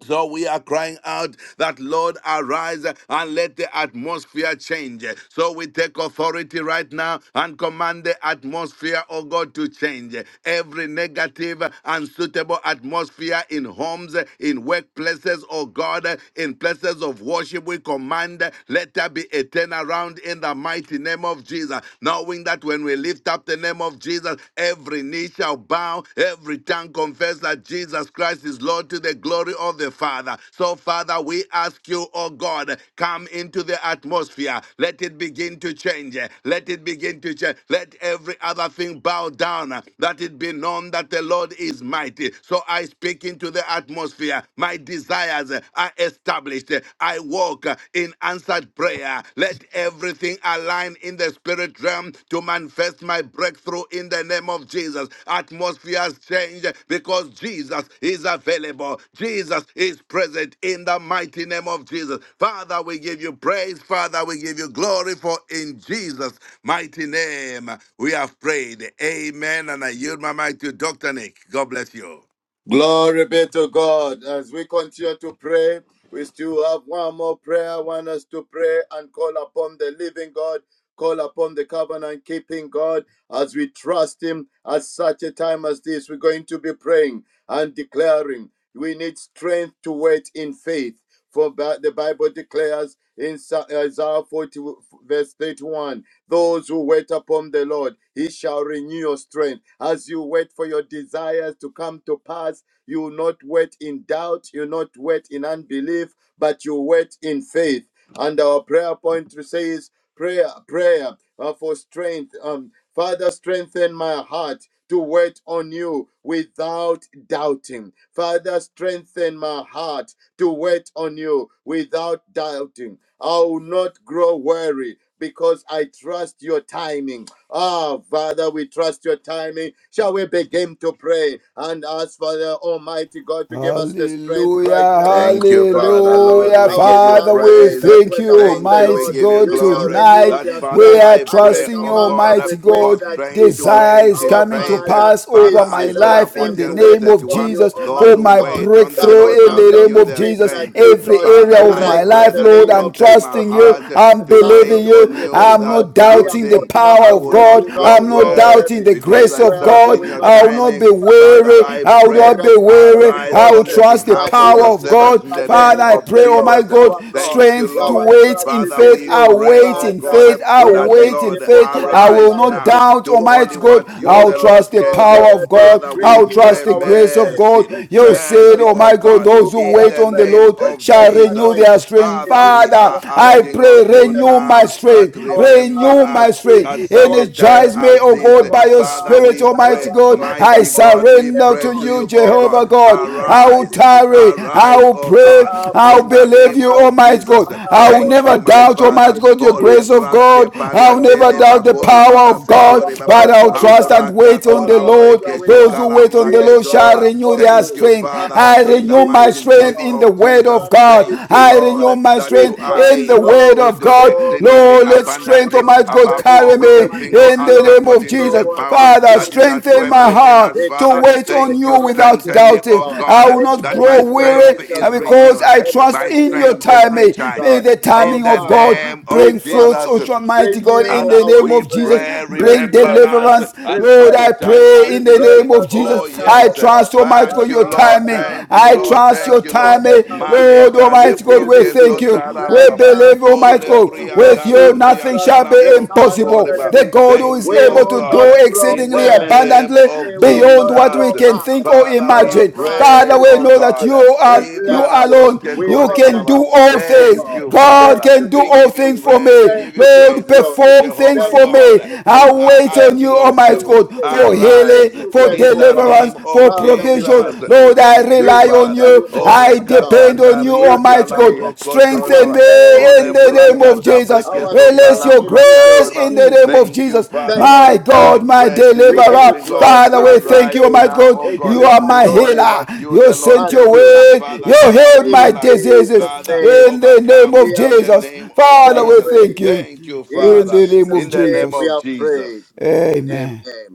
D: So we are crying out that Lord arise and let the atmosphere change. So we take authority right now and command the atmosphere, oh God, to change. Every negative, unsuitable atmosphere in homes, in workplaces, oh God, in places of worship, we command let there be a turnaround in the mighty name of Jesus, knowing that when we lift up the name of Jesus, Jesus, every knee shall bow, every tongue confess that Jesus Christ is Lord to the glory of the Father. So, Father, we ask you, oh God, come into the atmosphere. Let it begin to change. Let it begin to change. Let every other thing bow down. That it be known that the Lord is mighty. So I speak into the atmosphere. My desires are established. I walk in and answered prayer. Let everything align in the spirit realm to manifest my breakthrough in the name of Jesus. Atmospheres change because Jesus is available. Jesus is present in the mighty name of Jesus. Father, we give you praise. Father, we give you glory for in Jesus' mighty name we have prayed. Amen. And I yield my mic to Dr. Nick. God bless you.
B: Glory be to God. As we continue to pray, we still have one more prayer. I want us to pray and call upon the living God, call upon the covenant keeping God as we trust Him at such a time as this. We're going to be praying and declaring we need strength to wait in faith. For ba- the Bible declares in Sa- Isaiah 40, verse 31 those who wait upon the Lord, He shall renew your strength. As you wait for your desires to come to pass, you will not wait in doubt, you will not wait in unbelief, but you wait in faith. And our prayer point says, prayer, prayer uh, for strength. Um, Father, strengthen my heart to wait on you without doubting. Father, strengthen my heart to wait on you without doubting. I will not grow weary because I trust your timing. Ah, Father, we trust your timing. Shall we begin to pray and ask Father Almighty God to give us the strength
C: Hallelujah,
B: right now,
D: Thank you,
B: right
D: Father,
B: now.
D: Lord.
C: hallelujah.
D: We
B: Our
D: give you
C: Father,
B: Father,
C: we
B: they
D: praise.
B: that
C: thank
B: wait
C: you,
B: upon
D: Thank
B: the
D: you. We
C: Almighty
B: Lord,
D: give you
C: God,
B: you shall
D: glory.
B: renew
C: tonight.
D: That,
B: their
D: Father,
C: We
B: strength
C: are
D: I
B: and they
D: pray,
C: trusting
B: shall
C: you,
D: oh
B: mount up
D: God,
C: Almighty
B: with wings
D: for
C: God.
B: like
D: strength to
B: eagles.
C: Desire
D: wait
C: is
D: in
B: Our
C: coming to
D: faith.
B: Father,
C: pass
D: Father,
C: over
B: this
C: my
B: is
D: Isaiah
B: our
C: life in
B: time
D: 40
C: the
B: to
D: and verse
B: wait
C: name of
B: upon
D: 31.
B: you,
C: Jesus
D: Those
C: for
B: Almighty
D: who
C: my
B: God.
D: wait on the
B: God, to
D: Lord
C: breakthrough in
D: shall
B: mount
C: the
B: up
C: name
D: renew
B: with
C: of
D: their
B: wings
C: Jesus.
B: like
D: strength.
C: Every
B: eagles
D: Father,
C: area of
D: I
C: my
B: right now in
D: pray
C: life,
B: the
D: that
C: Lord,
B: name
C: I'm
B: of
D: strengthen my
B: Jesus
C: trusting you.
B: Christ,
D: heart
B: the
C: I'm
D: to
B: Son of
C: believing
D: wait
B: the
C: you.
D: on you
B: living
C: I'm
B: God.
C: not
D: without
B: We are
C: doubting the
D: doubting.
B: calling
D: I
C: power
B: upon
C: of
D: will
B: you.
C: God.
B: Do
D: not
B: not
D: grow
C: I'm not
B: grow
D: weary
C: doubting
B: weary
C: the
B: in
D: because
C: grace
D: I
C: of
B: well
C: God.
D: trust
C: Lord.
D: in
B: doing,
D: your
B: O
C: I will
B: God.
C: not be
D: timing.
B: Some may
D: Father,
B: trust
C: weary.
D: I
B: in
C: I will
D: pray,
C: not be
B: chariots, others
C: weary.
B: in
D: arise
C: I will
D: on
B: horses,
D: the
C: trust the
B: but
D: behalf of
B: we
C: power
B: have
D: your
C: of
D: servants
C: God.
D: in
B: remembered
D: the
B: the
D: name
C: Father,
B: name
C: I
B: of
D: of
C: pray,
B: the
C: oh
B: Lord
C: my
D: Jesus.
C: God,
B: our God.
D: Thank you,
C: strength to
B: Our
D: Lord.
C: wait
B: trust
C: in
B: is
D: Father,
B: in
C: faith.
D: we
C: I
B: you.
D: pray,
C: wait
D: oh
C: in
D: God,
B: Father,
C: faith. I
B: we are
D: that
C: wait in
D: Lord,
B: waiting for
C: faith.
B: our
C: I will
D: arise
B: desires
C: not
D: now.
B: to come
C: doubt,
D: Do
B: to
D: only
C: Almighty
B: pass
C: God.
D: what you,
B: will
C: I'll
D: the
B: not
C: trust
D: Lord,
C: the
B: grow
D: can do.
C: power of
B: weary.
D: Father,
C: God.
D: we
C: I'll
B: Renew
C: trust
D: pray
C: the
B: our
C: grace of
B: strength
C: God.
D: mercy.
B: with
C: You
B: fresh
C: said,
D: Mercy,
C: Oh
B: oil.
D: oh
C: my God,
D: God,
B: Renew
C: those who
D: in
B: our
C: wait
D: the
C: on the
B: strength
D: name
C: Lord
B: with
D: of
B: fresh
C: shall renew
D: Jesus.
B: anointing.
C: their strength.
D: Father,
B: Renew
D: we
C: Father,
B: our
D: are
C: I
B: strength
D: asking
C: pray,
B: with
D: of you
B: fresh
C: renew my
D: now
B: power.
D: that
C: strength.
B: Our
D: remember
C: Renew
B: Father,
C: my my
D: us
B: this
D: at
B: is
C: strength.
D: such
B: our
D: a time
C: Energize
B: prayer
C: me,
D: as
C: O
B: and
D: this.
C: God, by
B: our
C: your
B: cry
D: Father,
C: Spirit,
D: we
B: that
C: Almighty
D: pray,
B: our
C: God.
B: God
C: I
B: is
D: mighty
B: more
D: God,
B: than
D: we
C: surrender
D: pray
C: to
D: to
C: you,
D: you, O
B: Ever able
D: God,
C: Jehovah
B: to
C: God.
B: do
C: I will
D: arise,
B: exceeding and
C: tarry, I
B: abundantly
D: arise,
C: will
D: O
C: pray,
D: God,
B: above
C: I
B: all
C: will
D: in
B: that
D: the
B: we
C: believe
B: are
D: name
C: you,
D: of
B: asking,
C: Almighty God.
D: Jesus.
B: above
C: I will
B: all
D: Thank
C: never
B: that
D: you,
B: we are
D: my
B: are
C: doubt,
D: Father.
C: Almighty
B: thinking,
C: God, your
D: Holy
C: grace
B: even
C: of
B: now,
D: braske
C: God. I will
B: our
C: never
D: pariandele
B: God,
C: doubt the
B: you are with
D: bakora
C: power
B: us.
D: baba
C: of God,
B: Our
D: setori baba
C: but
B: God,
C: I
B: you
C: will
B: are with
C: trust and
B: us.
D: ambra
C: wait on
B: Our
C: the
B: God,
D: katolambre
C: Lord.
B: you are with
D: kesho
C: Those
B: us.
C: who wait on
D: kalambra
C: the
B: We
C: Lord
D: ketori
B: call
C: shall
D: baba Father.
C: renew
B: upon
C: their
D: Thank
B: you,
D: you,
C: strength.
D: Father,
C: I
B: covenant
D: in the
C: renew my
D: mighty
B: keeping
C: strength
D: name
B: God,
C: in the
D: of
C: word
D: Jesus.
C: of
B: covenant
C: God.
D: Thank you,
B: keeping
C: I
D: Lord,
C: renew
B: God.
C: my
D: that
B: We
D: you
C: strength strength
D: are
B: trust
C: in the
D: able
C: word
B: you.
D: to
C: of
D: do
C: God.
B: Oh, my
D: exceedingly
C: Lord,
B: Lord
C: let
B: and my
C: strength,
D: abundantly
B: God,
C: Almighty God,
D: above
B: there is
C: carry
D: all we
C: me
B: no
D: can
B: one
D: think or
B: like
C: in the
D: ask
B: you.
C: name of
D: according to
B: No
D: the
C: Jesus.
B: one
D: power
B: can
C: Father,
B: do
D: that is
B: this
D: at
B: for
C: strengthen
D: work
C: my
B: us
D: within
C: heart
D: us,
C: to
D: Father.
B: except
C: wait
B: you,
C: on
B: the
D: Thank
C: you
D: you.
B: covenant
C: without
D: Strengthen me,
B: keeping
C: doubting.
D: oh
B: God,
D: God,
C: I will not
D: that
B: except
C: grow
D: my
B: you, the
C: weary
D: strength
B: righteous
D: is
B: God,
C: because
D: renewed,
C: I trust
D: my
B: except
C: in
B: you,
C: your
B: the
D: strength is
C: timing.
B: almighty
C: May
B: God.
D: recharged.
C: the
B: Our
D: In
C: timing
D: the
C: of
B: Father,
C: God
D: name
B: we
D: of
C: Bring
B: trust
C: fruits, O
B: you.
D: Jesus,
C: Almighty God, in
B: Renew
D: Father,
C: the
B: our
C: name
D: we
C: of Jesus.
B: strength.
D: pray,
C: Bring
D: remember
B: Refresh
D: us
B: us,
C: deliverance.
D: at
C: Lord,
D: such a
C: I
B: refresh us,
D: time
C: pray
D: as
C: in the
D: this.
B: refresh
C: name
B: us
C: of Jesus.
B: right
D: Oh,
B: now,
C: I
D: yes.
B: O God.
C: trust, Almighty
B: The
D: Thank
C: God,
D: you,
C: your
D: Lord.
C: timing.
B: Father,
D: Thank you,
C: I
B: we
D: Lord.
C: trust
D: Thank
C: your
B: trust
D: you,
B: you,
D: Lord.
C: timing.
B: Almighty God.
C: Lord,
D: Maleka
B: We
C: Almighty God,
D: lembro
C: we
B: believe
D: ke
C: thank
B: you
C: you.
D: sotara
C: We
B: right
D: bababa.
B: now
C: believe,
D: Oh,
B: in
C: Almighty
B: the
C: God,
B: name
D: lembria
B: of
C: with you
B: Jesus
D: calambria
C: nothing
B: Christ,
C: shall be
B: the
D: calambro
B: Son of
C: impossible.
B: the
D: kokoriba.
C: The
B: living God.
C: God who
D: Thank
C: is
D: you,
B: We
D: oh
C: able to
B: will not
C: do
D: God.
B: grow
D: In
C: exceedingly
D: the
B: weary.
D: name
C: abundantly
D: of
B: We will
C: beyond
B: not
C: what
D: Jesus,
C: we
B: grow
C: can
B: back.
C: think or
D: Father, we
B: Our
C: imagine.
B: Father,
C: Father,
D: pray,
B: we
C: we
D: oh
C: know
B: thank
C: that
D: God.
B: you.
C: you
B: We
C: are you
B: bless
D: Ibada
B: you.
D: broske
C: alone.
B: We
C: You
D: kori
C: can
B: honor
D: bababa.
C: do
B: you,
C: all
B: Almighty
C: things.
D: Thank
B: God.
D: you,
C: God
B: Thank
D: Father.
B: you,
C: can do
B: King
D: We
B: of
C: all
D: give you
C: things
B: Kings.
C: for
D: praise. We
B: Thank
C: me.
D: give
B: you,
D: you
B: King of
C: Lord,
D: praise.
B: Glory.
C: perform things
D: Jehovah
B: Thank
C: for
B: you,
C: me.
B: Lord
D: God,
B: of
D: we
C: I
B: Lords.
D: are
C: wait on
B: Thank
C: you,
B: you,
D: asking of
C: Almighty
B: Ancient
D: you,
B: of
C: God,
B: Days.
C: for
B: Thank
D: arise
C: healing,
B: you,
C: for
D: in
B: faithful
D: the
B: God.
C: deliverance,
D: name
C: for
D: of
B: Father, we
C: provision.
D: Jesus.
B: bless you.
C: Lord, I
D: Thank you,
B: We
C: rely on
B: honor
D: Father.
C: you.
B: you,
D: Ore
C: I
B: awesome God.
C: depend on you,
B: We
C: Almighty.
D: kasandaria
C: Might God,
B: declare
D: kalambro kotor
B: our
C: strengthen
D: baba.
C: me
B: strength
C: in
B: is
C: the
D: Olembra
C: name of
B: renewed.
D: kata
C: Jesus.
B: Our
D: prekeso
C: Release
B: strength
C: your
B: is
D: kalambra
C: grace
D: kator
B: renewed.
D: baba.
C: in the
B: Mm.
C: name of
D: Thank you,
C: Jesus.
D: Father
B: Thank
D: Lord.
B: you,
C: My
D: We
C: God, my
B: Father.
D: pray to you,
B: We
D: the
B: give
C: deliverer.
B: you
D: living God.
B: glory.
C: Father,
B: We
C: we
B: give you
C: thank you,
D: Arise
B: praise.
C: my
D: now,
C: God.
D: O
B: We give
C: You
D: God.
B: you
C: are
D: Do
C: my
D: only
B: adoration.
C: healer.
D: what you,
C: You
D: the Lord,
C: sent
B: Father,
C: your
D: can
B: we
D: do.
B: thank
C: word.
B: you.
C: You
D: Father, shine
C: healed
D: your
C: my
B: In
D: light.
C: diseases
B: Jesus'
D: Father,
B: name.
C: in the name
D: overcome
B: We
C: of
B: have,
D: in the
C: Jesus.
D: name of
B: we have
C: Father, we
D: Jesus.
C: thank
B: prayed.
C: you
D: Thank you,
B: In
C: in
D: Father.
C: the name of
B: Jesus'
D: In the name
B: name we
C: Jesus.
D: of
B: have prayed.
D: Jesus.
C: Amen.
B: Amen.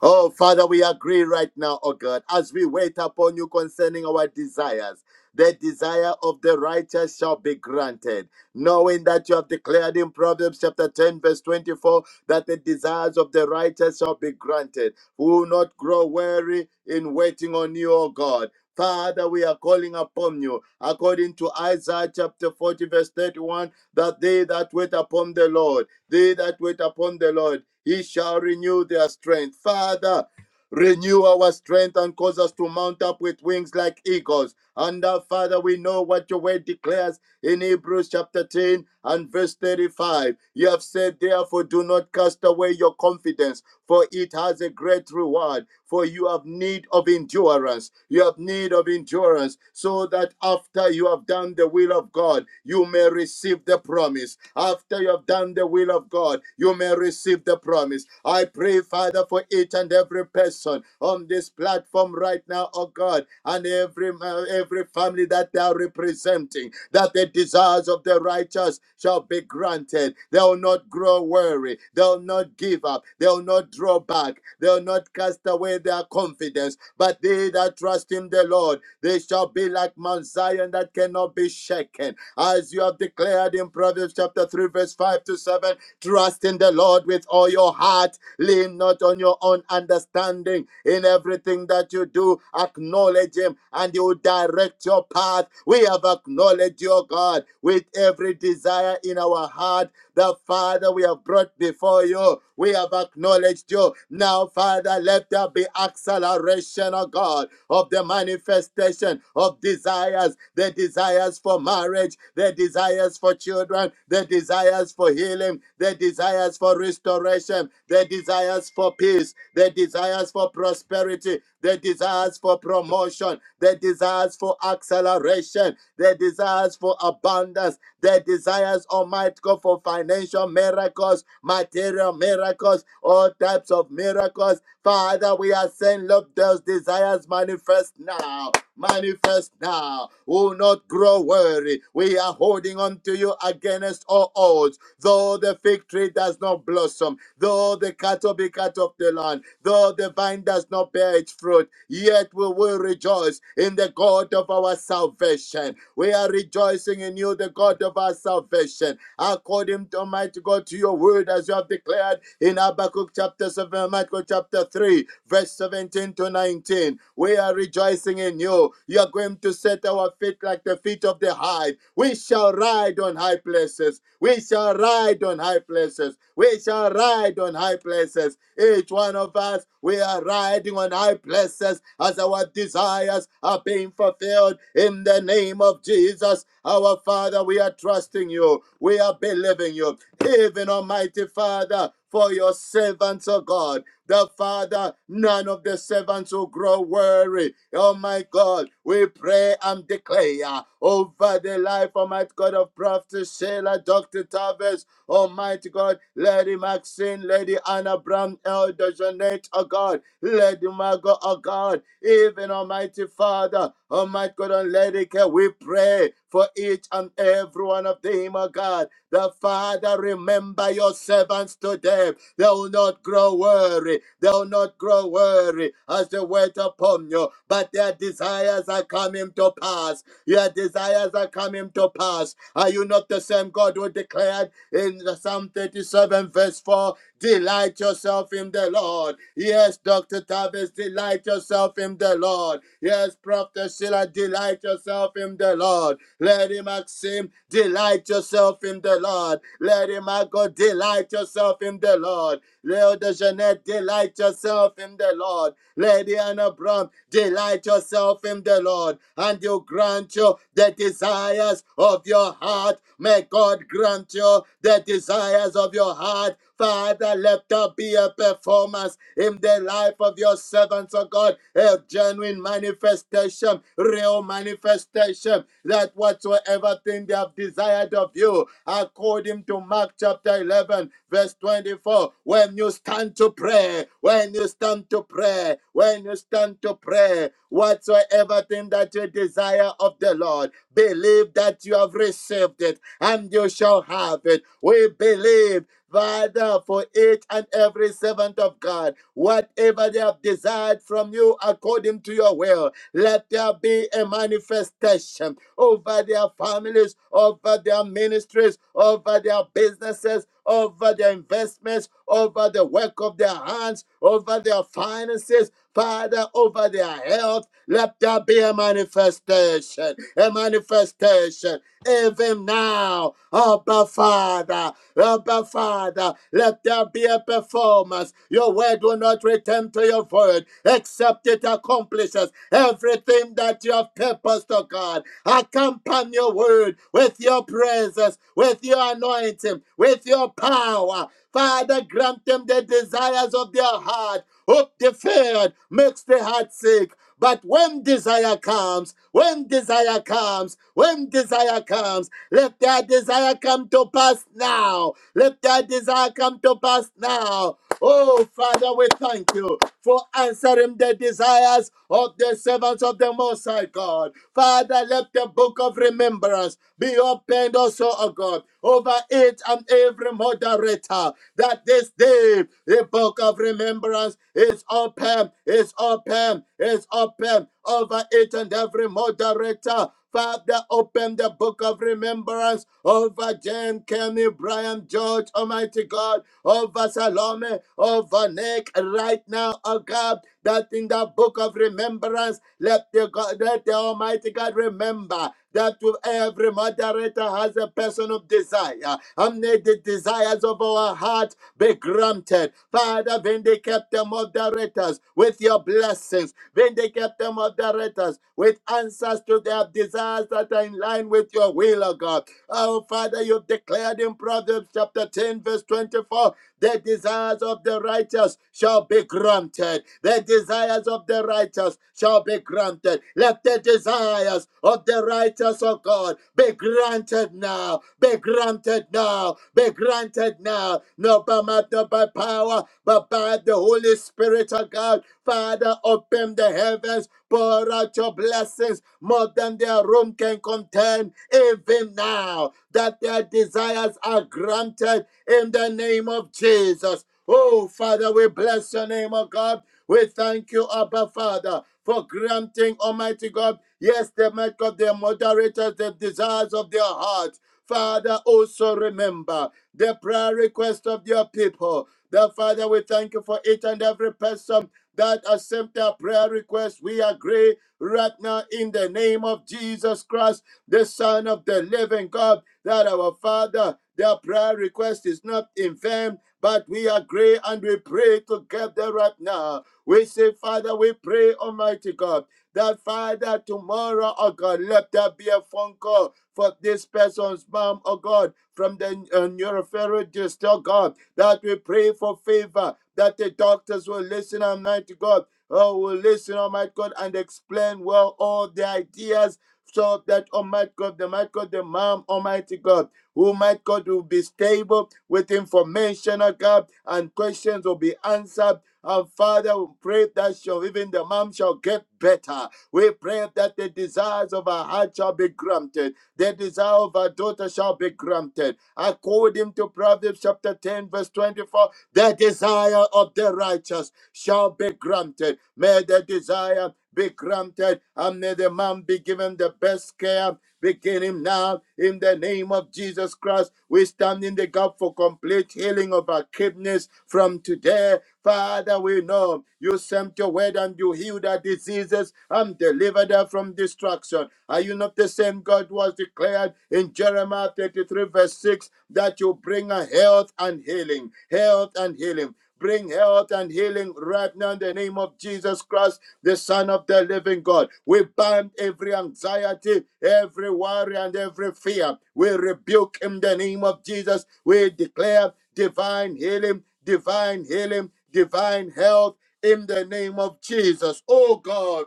B: Oh, Father, we agree right now, oh God, as we wait upon you concerning our desires. The desire of the righteous shall be granted, knowing that you have declared in Proverbs chapter 10, verse 24, that the desires of the righteous shall be granted. We will not grow weary in waiting on you, O God. Father, we are calling upon you, according to Isaiah chapter 40, verse 31, that they that wait upon the Lord, they that wait upon the Lord, he shall renew their strength. Father, renew our strength and cause us to mount up with wings like eagles. And uh, Father, we know what your word declares in Hebrews chapter 10 and verse 35. You have said, therefore, do not cast away your confidence for it has a great reward. For you have need of endurance. You have need of endurance, so that after you have done the will of God, you may receive the promise. After you have done the will of God, you may receive the promise. I pray, Father, for each and every person on this platform right now, oh God, and every uh, every family that they are representing, that the desires of the righteous shall be granted. They will not grow weary. They'll not give up. They'll not draw back. They'll not cast away their confidence. But they that trust in the Lord, they shall be like Mount Zion that cannot be shaken. As you have declared in Proverbs chapter 3, verse 5 to 7, trust in the Lord with all your heart. Lean not on your own understanding. In everything that you do, acknowledge Him and He will direct your path. We have acknowledged your God with every desire in our heart the Father we have brought before you, we have acknowledged you. Now, Father, let there be acceleration, oh God, of the manifestation of desires, the desires for marriage, the desires for children, the desires for healing, the desires for restoration, the desires for peace, the desires for prosperity, the desires for promotion, the desires for acceleration, the desires for abundance abundance. Their desires, Almighty God, for financial miracles, material miracles, all types of miracles. Father, we are saying, Lord, those desires manifest now. Manifest now. Will not grow weary. We are holding on to you against all odds. Though the fig tree does not blossom, though the cattle be cut off the land, though the vine does not bear its fruit, yet we will rejoice in the God God of our salvation. We are rejoicing in you, the God of our salvation. According to Almighty God, to your word, as you have declared in Habakkuk chapter 7, Almighty chapter 3, verse 17 to 19. We are rejoicing in you. You are going to set our feet like the feet of the high. We shall ride on high places. We shall ride on high places. We shall ride on high places. Each one of us, we are riding on high places blesses as our desires are being fulfilled in the name of Jesus. Our Father, we are trusting you. We are believing you. Even Almighty Father, for your servants, oh God. The Father, none of the servants will grow weary. Oh my God, we pray and declare over the life, Almighty God, of Prophet Sheila, Dr. Tavis, Almighty God, Lady Maxine, Lady Anna Brown, Elder now designate, oh God, Lady Margot, oh God, even Almighty Father, Almighty God and Lady Care, we pray for each and every one of them, oh God. The Father, remember your servants today. They will not grow weary. They will not grow weary as they wait upon you. But their desires are coming to pass. Your desires are coming to pass. Are you not the same God who declared in the Psalm 33? 37, verse 4. Delight yourself in the Lord. Yes, Dr. Tavis, delight yourself in the Lord. Yes, Prophet Sheila, delight yourself in the Lord. Lady Maxim, delight yourself in the Lord. Lady Margot, delight yourself in the Lord. Leo de Jeanette, delight yourself in the Lord. Lady Anna Brown, delight yourself in the Lord, and you grant you the desires of your heart May God grant you the desires of your heart. Father, let there be a performance in the life of your servants, of God, a genuine manifestation, real manifestation, that whatsoever thing they have desired of you, according to Mark chapter 11, verse 24, when you stand to pray, when you stand to pray, when you stand to pray, whatsoever thing that you desire of the Lord, Believe that you have received it and you shall have it. We believe. Father, for each and every servant of God, whatever they have desired from you according to your will, let there be a manifestation over their families, over their ministries, over their businesses, over their investments, over the work of their hands, over their finances. Father, over their health, let there be a manifestation, a manifestation, even now, Abba Father, Abba Father, let there be a performance. Your word will not return to your void, except it accomplishes everything that you have purposed, O God. Accompany your word with your presence, with your anointing, with your power. Father, grant them the desires of their heart Hope deferred makes the heart sick. But when desire comes, when desire comes, when desire comes, let their desire come to pass now. Let their desire come to pass now. Oh, Father, we thank you for answering the desires of the servants of the Most High God. Father, let the book of remembrance be opened also, O God, over over it and every moderator that this day the book of remembrance is open, is open, is open over it and every moderator. Father, open the book of remembrance over Jane, Kenny, Brian, George, Almighty God, over Salome, over Nick, right now, oh God that in the book of remembrance, let the God, let the Almighty God remember that to every moderator has a personal desire, and may the desires of our heart be granted. Father, vindicate the moderators with your blessings. Vindicate the moderators with answers to their desires that are in line with your will, O God. Oh, Father, you declared in Proverbs chapter 10, verse 24, the desires of the righteous shall be granted. The desires of the righteous shall be granted. Let the desires of the righteous, of God, be granted now. Be granted now. Be granted now. Not by might, not by power, but by the Holy Spirit of God. Father, open the heavens, pour out your blessings more than their room can contain, even now, that their desires are granted in the name of Jesus. Oh, Father, we bless your name, oh God. We thank you, Abba Father, for granting, Almighty God, yes, the might of their moderators, the desires of their hearts. Father, also remember the prayer request of your people. The Father, we thank you for each and every person that accept our prayer request. We agree right now in the name of Jesus Christ, the Son of the living God, that our Father, their prayer request is not in vain, but we agree and we pray together right now. We say, Father, we pray, Almighty God, that Father, tomorrow, oh God, let there be a phone call for this person's mom, oh God, from the uh, neuropharyngitis, oh God that we pray for favor, that the doctors will listen, Almighty God. Oh, will listen, Almighty God, and explain well all the ideas so that Almighty God, the might God, the mom, Almighty God, who might God will be stable with information, oh God, and questions will be answered. And Father, we pray that shall even the mom shall get better. We pray that the desires of our heart shall be granted. The desire of our daughter shall be granted. According to Proverbs chapter 10, verse 24, the desire of the righteous shall be granted. May the desire be granted and may the man be given the best care beginning now in the name of Jesus Christ. We stand in the gap for complete healing of our kidneys from today. Father, we know you sent your word and you healed our diseases I'm delivered her from destruction. Are you not the same God who has declared in Jeremiah 33, verse 6, that you bring her health and healing? Health and healing. Bring health and healing right now in the name of Jesus Christ, the Son of the Living God. We bind every anxiety, every worry, and every fear. We rebuke in the name of Jesus. We declare divine healing, divine healing, divine health in the name of Jesus. Oh God.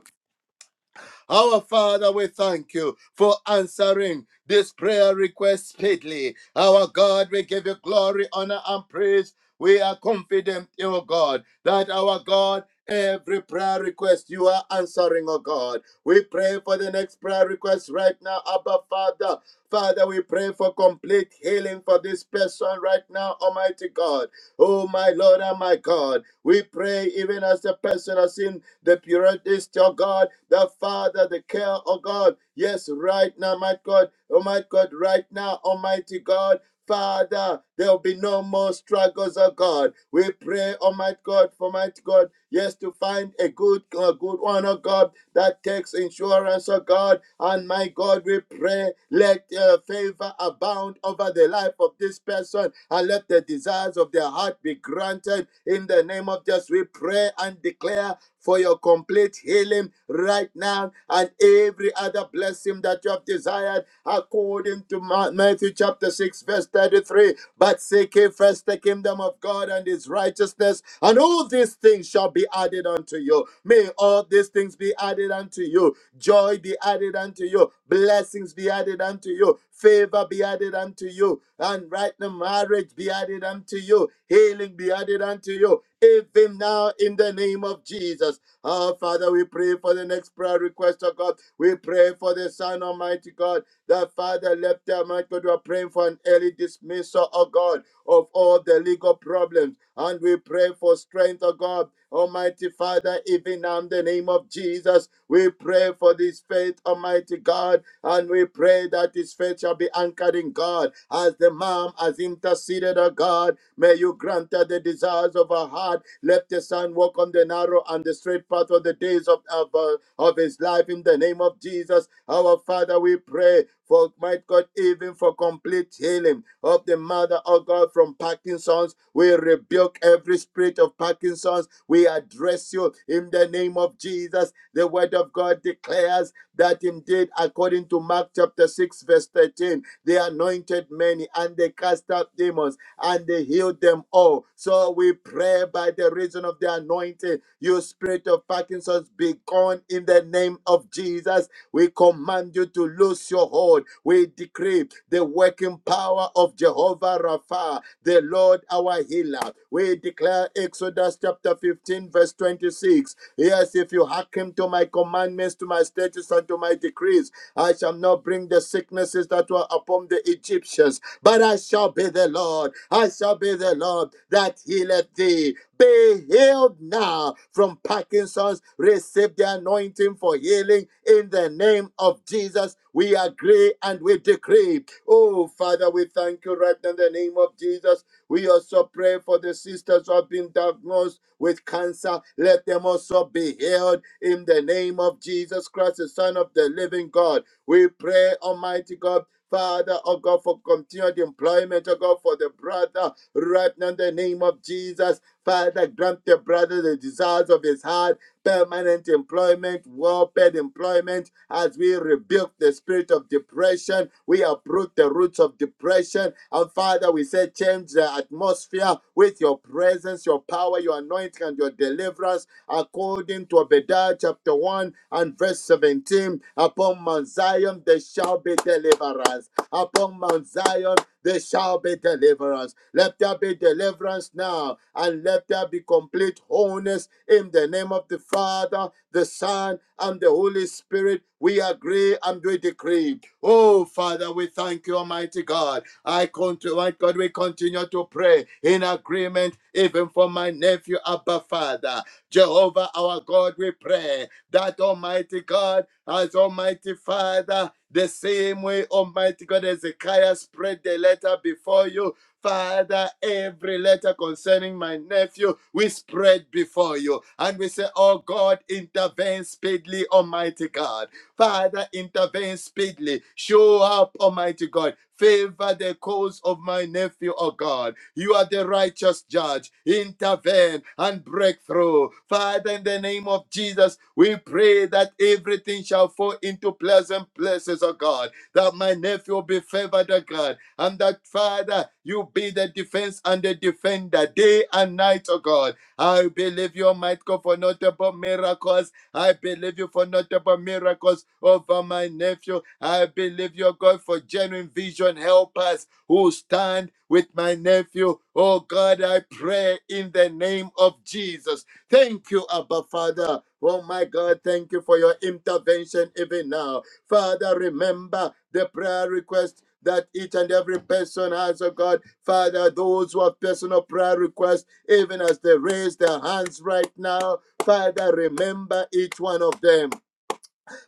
B: Our Father, we thank you for answering this prayer request speedily. Our God, we give you glory, honor, and praise. We are confident, O God, that our God, every prayer request you are answering, O God. We pray for the next prayer request right now, Abba Father. Father, we pray for complete healing for this person right now, Almighty God. Oh, my Lord and my God, we pray even as the person has seen the purity of God, the Father, the care of God. Yes, right now, my God, oh my God, right now, Almighty God. Father, there will be no more struggles, oh God. We pray, Almighty God, for mighty God. Yes, to find a good, a good one, oh God, that takes insurance, oh God. And my God, we pray, let uh, favor abound over the life of this person and let the desires of their heart be granted. In the name of Jesus, we pray and declare for your complete healing right now and every other blessing that you have desired according to Matthew chapter 6, verse 33. But seek ye first the kingdom of God and his righteousness, and all these things shall be added unto you. May all these things be added unto you. Joy be added unto you. Blessings be added unto you. Favor be added unto you. And right now, marriage be added unto you. Healing be added unto you. Even now, in the name of Jesus. Our Father, we pray for the next prayer request of God. We pray for the Son, Almighty God. That Father, left their mind, God, we are praying for an early dismissal, oh God, of all the legal problems. And we pray for strength, oh God. Almighty Father, even now in the name of Jesus, we pray for this faith, Almighty God and we pray that his faith shall be anchored in God. As the mom has interceded, O God, may you grant her the desires of her heart. Let the son walk on the narrow and the straight path of the days of, of, uh, of his life in the name of Jesus. Our Father, we pray for, might God, even for complete healing of the mother, of God, from Parkinson's. We rebuke every spirit of Parkinson's. We address you in the name of Jesus. The word of God declares that indeed, according to Mark chapter 6, verse 13, they anointed many and they cast out demons and they healed them all. So we pray by the reason of the anointing, you spirit of Parkinson's be gone in the name of Jesus. We command you to loose your hold. We decree the working power of Jehovah Rapha the Lord our healer. We declare Exodus chapter 15, verse 26. Yes, if you hearken to my commandments, to my statutes, and to my decrees, I shall not bring the sicknesses that were upon the Egyptians, but I shall be the Lord. I shall be the Lord that healeth thee. Be healed now from Parkinson's. Receive the anointing for healing in the name of Jesus. We agree and we decree. Oh, Father, we thank you right now in the name of Jesus. We also pray for the sisters who have been diagnosed with cancer. Let them also be healed in the name of Jesus Christ, the Son of the living God. We pray, Almighty God, Father, oh God, for continued employment, oh God, for the brother, right now in the name of Jesus. Father, grant the brother the desires of his heart permanent employment, well paid employment, as we rebuke the spirit of depression, we uproot the roots of depression. And Father, we say, change the atmosphere with your presence, your power, your anointing, and your deliverance, according to Obadiah chapter 1 and verse 17. Upon Mount Zion, there shall be deliverance. Upon from Mount Zion, there shall be deliverance. Let there be deliverance now, and let there be complete wholeness in the name of the Father, the Son, and the Holy Spirit. We agree and we decree. Oh, Father, we thank you, Almighty God. I continue, my God, we continue to pray in agreement, even for my nephew, Abba Father. Jehovah our God, we pray that Almighty God, as Almighty Father, the same way Almighty God Ezekiah spread the letter before you, Father, every letter concerning my nephew, we spread before you. And we say, Oh God, intervene speedily, Almighty God. Father, intervene speedily. Show up, Almighty God. Favor the cause of my nephew, oh God. You are the righteous judge. Intervene and break through. Father, in the name of Jesus, we pray that everything shall fall into pleasant places, oh God. That my nephew will be favored, oh God. And that, Father, you be the defense and the defender day and night, oh God. I believe your might go for notable miracles I believe you for notable miracles over my nephew. I believe you, God, for genuine vision. helpers who stand with my nephew. Oh God, I pray in the name of Jesus. Thank you, Abba Father. Oh my God, thank you for your intervention even now. Father, remember the prayer request that each and every person has, oh God. Father, those who have personal prayer requests, even as they raise their hands right now, Father, remember each one of them.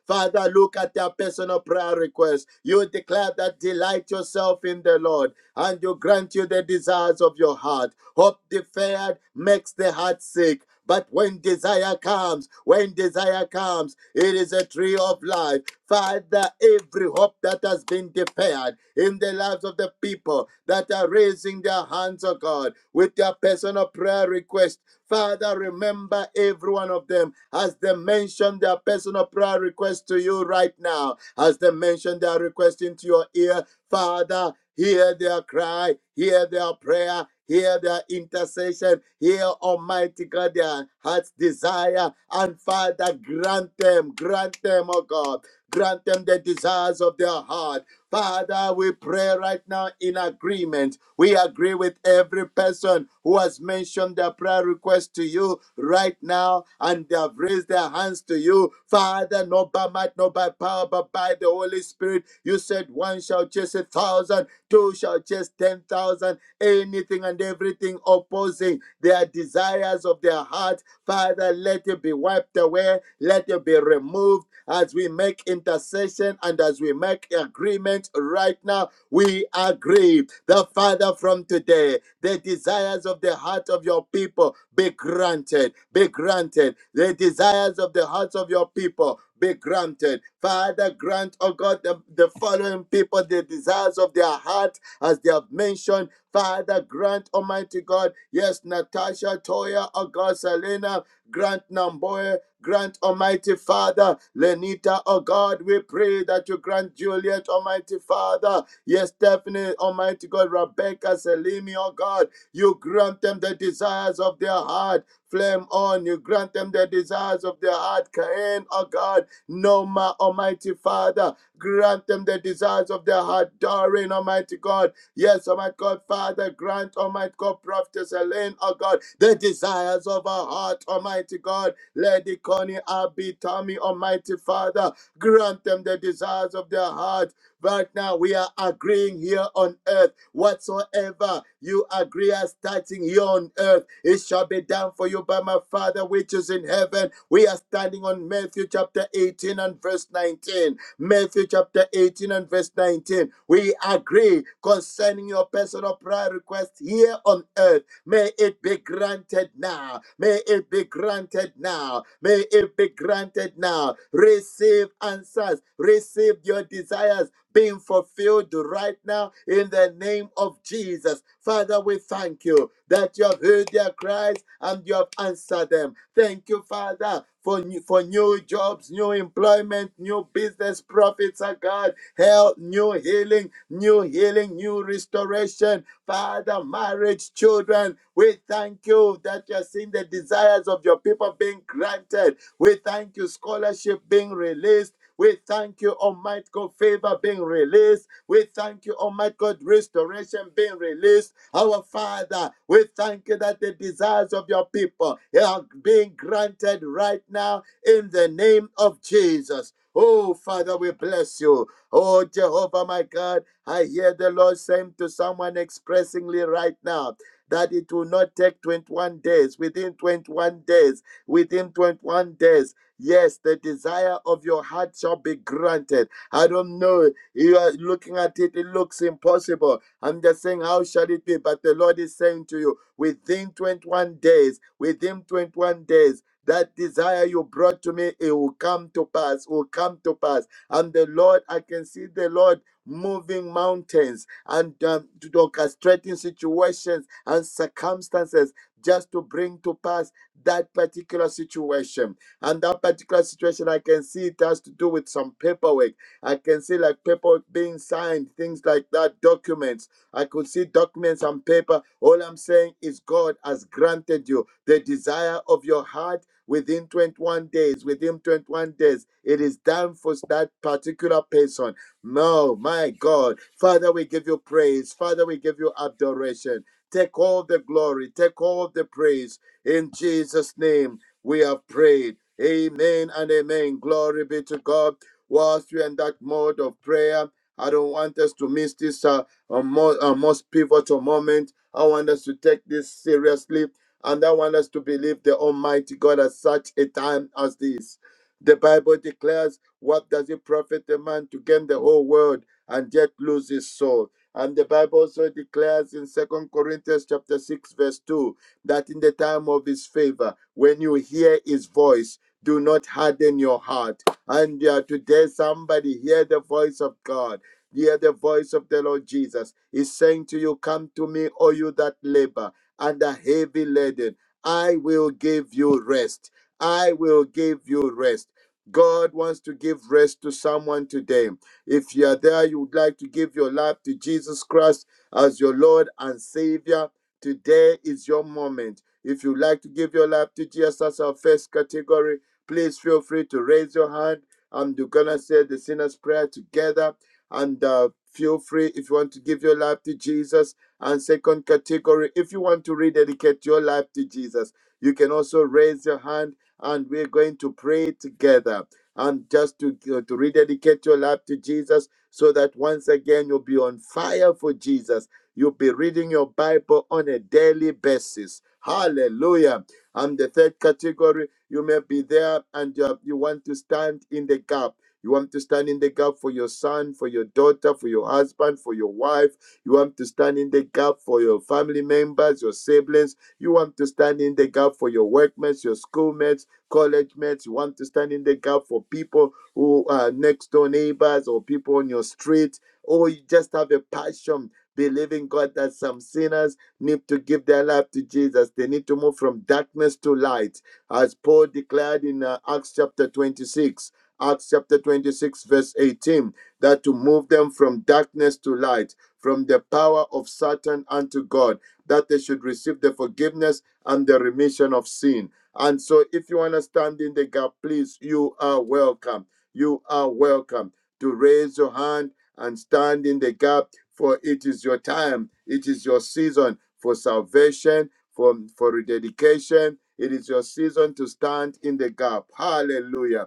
B: Father, look at their personal prayer requests. You declare that delight yourself in the Lord, and you grant you the desires of your heart. Hope deferred makes the heart sick. But when desire comes, when desire comes, it is a tree of life. Father, every hope that has been deferred in the lives of the people that are raising their hands, oh God, with their personal prayer request. Father, remember every one of them as they mention their personal prayer request to you right now, as they mention their request into your ear. Father, hear their cry, hear their prayer. Hear their intercession, hear Almighty God their heart's desire, and Father, grant them, grant them, oh God, grant them the desires of their heart Father, we pray right now in agreement. We agree with every person who has mentioned their prayer request to you right now and they have raised their hands to you. Father, not by might, not by power, but by the Holy Spirit. You said one shall chase a thousand, two shall chase ten thousand, anything and everything opposing their desires of their heart. Father, let it be wiped away, let it be removed as we make intercession and as we make agreement right now, we agree the Father from today, the desires of the heart of your people be granted, be granted. The desires of the hearts of your people be granted. Father, grant, oh God, the, the following people the desires of their heart as they have mentioned. Father, grant, Almighty God, yes, Natasha, Toya, oh God, Selena, grant Namboya, Grant, Almighty Father, Lenita, oh God, we pray that you grant Juliet, Almighty Father. Yes, Stephanie, Almighty God, Rebecca, Selimi, oh God, you grant them the desires of their heart. Flame on, you grant them the desires of their heart. Cain, oh God, Noma, Almighty Father, grant them the desires of their heart. Doreen, Almighty God, Yes, oh my God, Father, grant, oh my God, Prophetess Elaine, oh God, the desires of our heart, Almighty God. Lady Connie, Abby, Tommy, Almighty Father, grant them the desires of their heart. Right now, we are agreeing here on earth. Whatsoever you agree as touching here on earth, it shall be done for you by my Father which is in heaven. We are standing on Matthew chapter 18 and verse 19. Matthew chapter 18 and verse 19. We agree concerning your personal prayer request here on earth May it be granted now. May it be granted now. May it be granted now. Receive answers. Receive your desires being fulfilled right now in the name of Jesus. Father, we thank you that you have heard their cries and you have answered them. Thank you, Father. For new, for new jobs, new employment, new business profits, oh God, health, new healing, new healing, new you restoration. Father, marriage, children, we thank you that you're seeing the desires of your people being granted. We thank you, scholarship being released. We thank you, Almighty God, favor being released. We thank you, Almighty God, restoration being released. Our Father, we thank you that the desires of your people are being granted right now in the name of Jesus. Oh, Father, we bless you. Oh, Jehovah, my God, I hear the Lord saying to someone expressingly right now that it will not take 21 days. Within 21 days, within 21 days, yes, the desire of your heart shall be granted. I don't know. You are looking at it, it looks impossible. I'm just saying, how shall it be? But the Lord is saying to you, within 21 days, within 21 days, that desire you brought to me, it will come to pass, will come to pass. And the Lord, I can see the Lord moving mountains and um, orchestrating situations and circumstances just to bring to pass that particular situation. And that particular situation, I can see it has to do with some paperwork. I can see like paperwork being signed, things like that, documents I could see documents and paper. All I'm saying is God has granted you the desire of your heart within 21 days. Within 21 days, it is done for that particular person. No, my God. Father, we give you praise. Father, we give you adoration. Take all the glory. Take all the praise. In Jesus' name, we have prayed. Amen and amen. Glory be to God. Whilst we're in that mode of prayer, I don't want us to miss this. uh, a most, a most pivotal moment. I want us to take this seriously and I want us to believe the Almighty God at such a time as this. The Bible declares, What does it profit a man to gain the whole world and yet lose his soul? And the Bible also declares in Second Corinthians chapter 6, verse 2, that in the time of his favor, when you hear his voice, do not harden your heart. And uh, today, somebody hear the voice of God Hear the voice of the Lord Jesus. He's saying to you, Come to me, all you that labor and are heavy laden. I will give you rest. I will give you rest. God wants to give rest to someone today. If you are there, you would like to give your life to Jesus Christ as your Lord and Savior. Today is your moment. If you'd like to give your life to Jesus as our first category, please feel free to raise your hand. I'm going to say the sinner's prayer together and uh, feel free if you want to give your life to jesus and second category if you want to rededicate your life to jesus you can also raise your hand and we're going to pray together and just to, to rededicate your life to jesus so that once again you'll be on fire for jesus you'll be reading your bible on a daily basis hallelujah and the third category you may be there and you, have- you want to stand in the gap you want to stand in the gap for your son, for your daughter, for your husband, for your wife. You want to stand in the gap for your family members, your siblings. You want to stand in the gap for your workmates, your schoolmates, college mates. You want to stand in the gap for people who are next door neighbors or people on your street. Or you just have a passion believing God that some sinners need to give their life to Jesus. They need to move from darkness to light, as Paul declared in uh, Acts chapter 26. Acts chapter 26, verse 18, that to move them from darkness to light, from the power of Satan unto God, that they should receive the forgiveness and the remission of sin. And so, if you want to stand in the gap, please, you are welcome. You are welcome to raise your hand and stand in the gap, for it is your time, it is your season for salvation, for, for rededication. It is your season to stand in the gap. Hallelujah.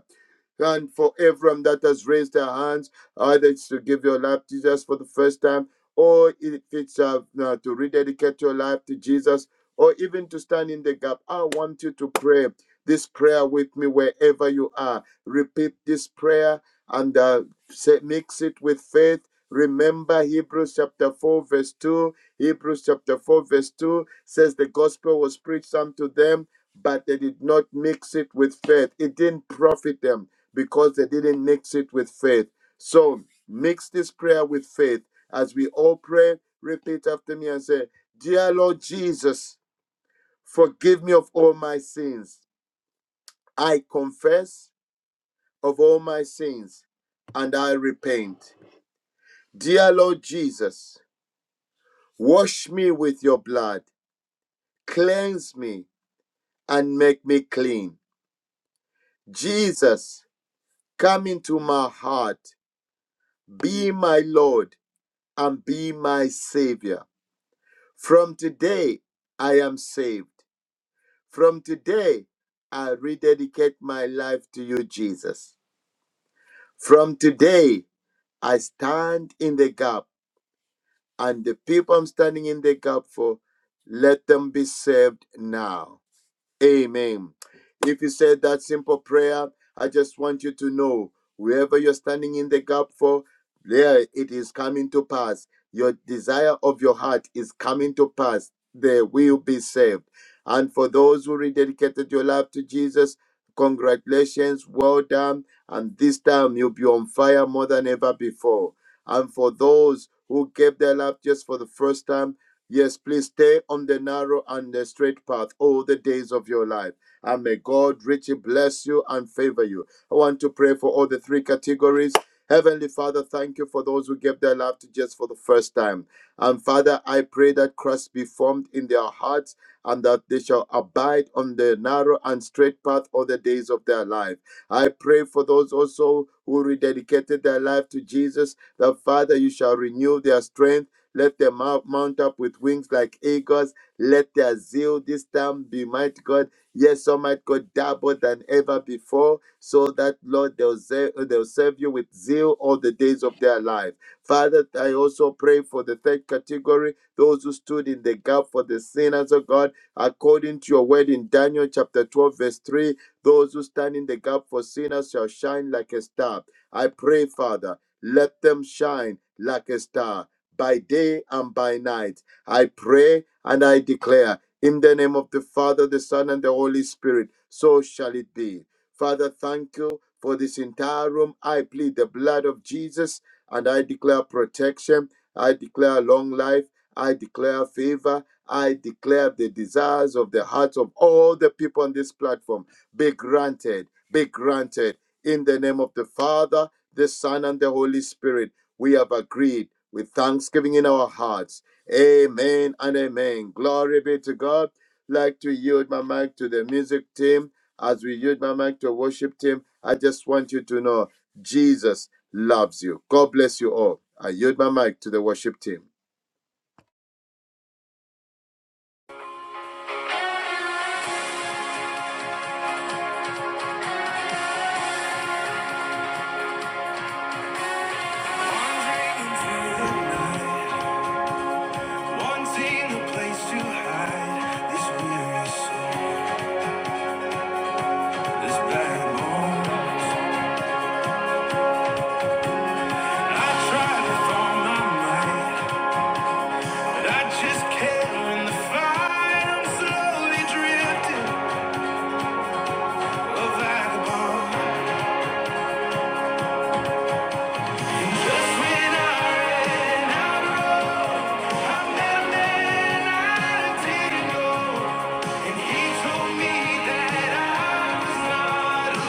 B: And for everyone that has raised their hands, either it's to give your life to Jesus for the first time, or if it's uh, uh, to rededicate your life to Jesus, or even to stand in the gap, I want you to pray this prayer with me wherever you are. Repeat this prayer and uh, say, mix it with faith Remember Hebrews chapter 4, verse 2. Hebrews chapter 4, verse 2 says the gospel was preached unto them, but they did not mix it with faith. It didn't profit them because they didn't mix it with faith. So mix this prayer with faith. As we all pray, repeat after me and say, Dear Lord Jesus, forgive me of all my sins. I confess of all my sins and I repent. Dear Lord Jesus, Wash me with your blood, cleanse me, and make me clean. Jesus, come into my heart, be my Lord, and be my Savior. From today, I am saved. From today, I rededicate my life to you, Jesus. From today, I stand in the gap, and the people I'm standing in the gap for, let them be saved now. Amen. If you said that simple prayer, I just want you to know wherever you're standing in the gap for, there it is coming to pass. Your desire of your heart is coming to pass. They will be saved. And for those who rededicated your life to Jesus, congratulations, well done. And this time you'll be on fire more than ever before. And for those who gave their life just for the first time, Yes, please stay on the narrow and the straight path all the days of your life. And may God richly bless you and favor you. I want to pray for all the three categories. Heavenly Father, thank you for those who gave their life to Jesus for the first time. And Father, I pray that Christ be formed in their hearts and that they shall abide on the narrow and straight path all the days of their life. I pray for those also who rededicated their life to Jesus, that Father, you shall renew their strength let them mount mount up with wings like eagles. Let their zeal this time be, mighty God. Yes, Almighty God, double than ever before, so that, Lord, they'll, ze- they'll serve you with zeal all the days of their life. Father, I also pray for the third category, those who stood in the gap for the sinners, of God, according to your word in Daniel chapter 12, verse 3. Those who stand in the gap for sinners shall shine like a star. I pray, Father, let them shine like a star by day and by night. I pray and I declare in the name of the Father, the Son, and the Holy Spirit, so shall it be. Father, thank you for this entire room. I plead the blood of Jesus and I declare protection. I declare long life. I declare favor. I declare the desires of the hearts of all the people on this platform be granted, be granted in the name of the Father, the Son, and the Holy Spirit. We have agreed with thanksgiving in our hearts. Amen and amen. Glory be to God. Like to yield my mic to the music team. As we yield my mic to the worship team, I just want you to know Jesus loves you. God bless you all. I yield my mic to the worship team.
A: Wanting a place to hide this weary soul, this bad bones. I try to find my mind, but I just can't win the fight. I'm slowly drifting, a vagabond. And just when I ran out, I met a man I didn't know, and he told me that I was not alone.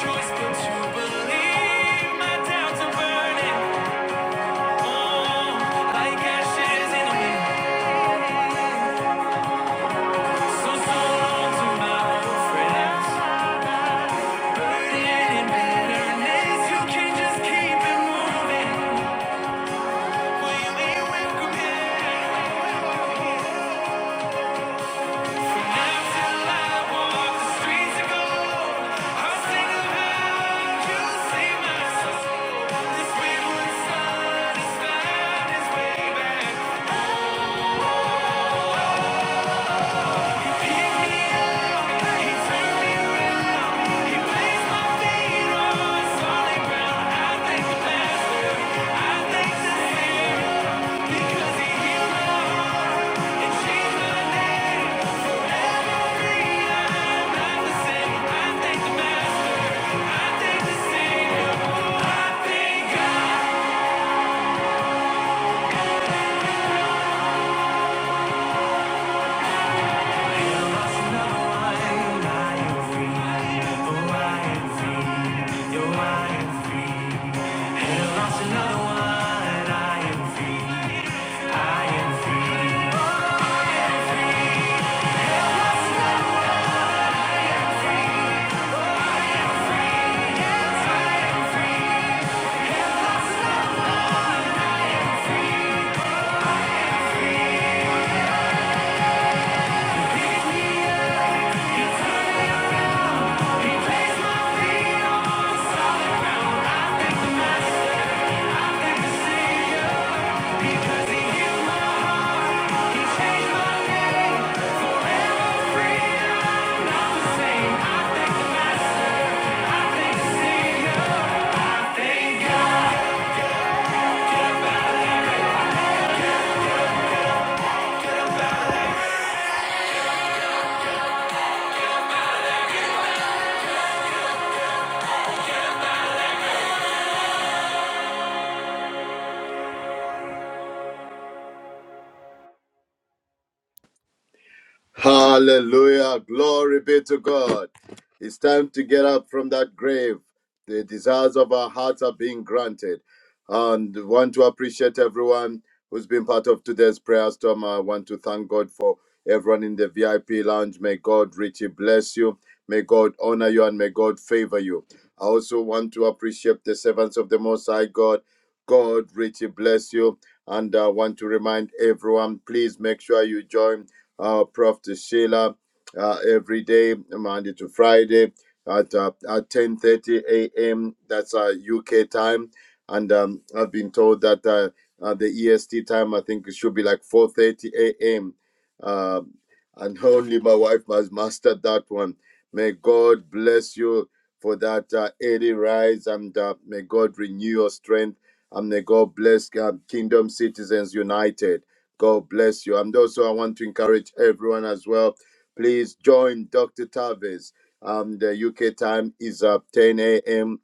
A: Choice but to believe my doubts are burning like ashes in a wind. So long to my friends. Burden and bitterness, you can just keep it moving. Really welcome it. And until I walk the streets of gold, I'll sing about you, see my soul. This wayward son has found his way back. Pick me up, he turned me around. He placed my feet on solid ground. I thank the master, I thank the Thank you.
B: Hallelujah. Glory be to God. It's time to get up from that grave. The desires of our hearts are being granted. And I want to appreciate everyone who's been part of today's prayer storm. I want to thank God for everyone in the VIP lounge. May God richly bless you. May God honor you and may God favor you. I also want to appreciate the servants of the Most High God. God richly bless you. And I want to remind everyone, please make sure you join uh, Prof. Sheila uh, every day, Monday to Friday at uh, at 10:30 a.m. That's uh, UK time, and um, I've been told that uh, uh, the EST time I think it should be like 4:30 a.m and only my wife has mastered that one. May God bless you for that uh, early rise, and uh, may God renew your strength, and may God bless uh, Kingdom Citizens United. God bless you. And also, I want to encourage everyone as well. Please join Dr. Tavis. Um, the UK time is uh, 10 a.m.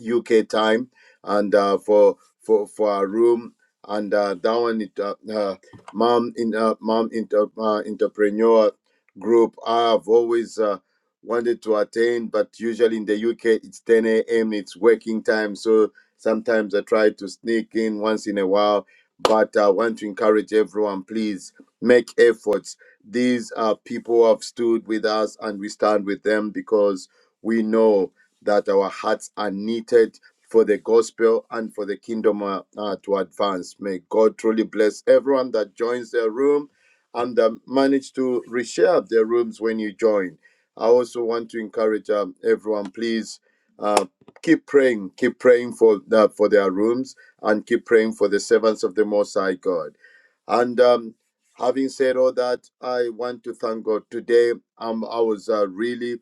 B: UK time, and uh, for for for our room and uh, that one it uh, uh, mom in uh, mom inter, uh, entrepreneur group. I've always uh, wanted to attend, but usually in the UK it's 10 a.m. It's working time, so sometimes I try to sneak in once in a while. But I want to encourage everyone, please make efforts. These are people who have stood with us, and we stand with them because we know that our hearts are knitted for the gospel and for the kingdom uh, uh, to advance. May God truly bless everyone that joins the room and uh, manage to reshare their rooms when you join. I also want to encourage um, everyone, please uh, keep praying, keep praying for the, for their rooms and keep praying for the servants of the Most High God. And um, having said all that, I want to thank God today. Um, I was uh, really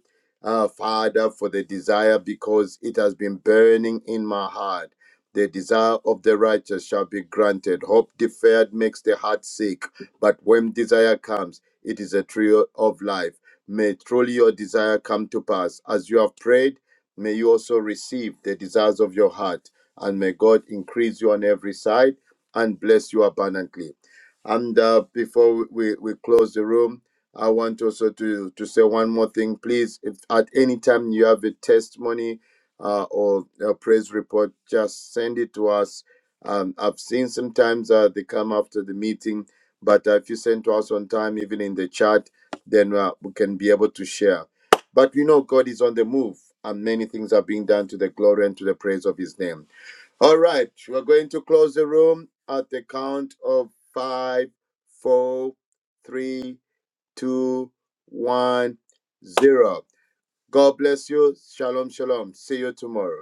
B: uh, Father, for the desire because it has been burning in my heart. The desire of the righteous shall be granted. Hope deferred makes the heart sick, but when desire comes, it is a tree of life. May truly your desire come to pass. As you have prayed, may you also receive the desires of your heart, and may God increase you on every side and bless you abundantly. And uh, before we, we close the room, I want also to, to say one more thing. Please, if at any time you have a testimony uh, or a praise report, just send it to us. Um, I've seen sometimes uh, they come after the meeting, but uh, if you send to us on time, even in the chat, then uh, we can be able to share. But we know God is on the move, and many things are being done to the glory and to the praise of His name. All right, we're going to close the room at the count of five, four, three, two, one, zero. God bless you. Shalom, shalom. See you tomorrow.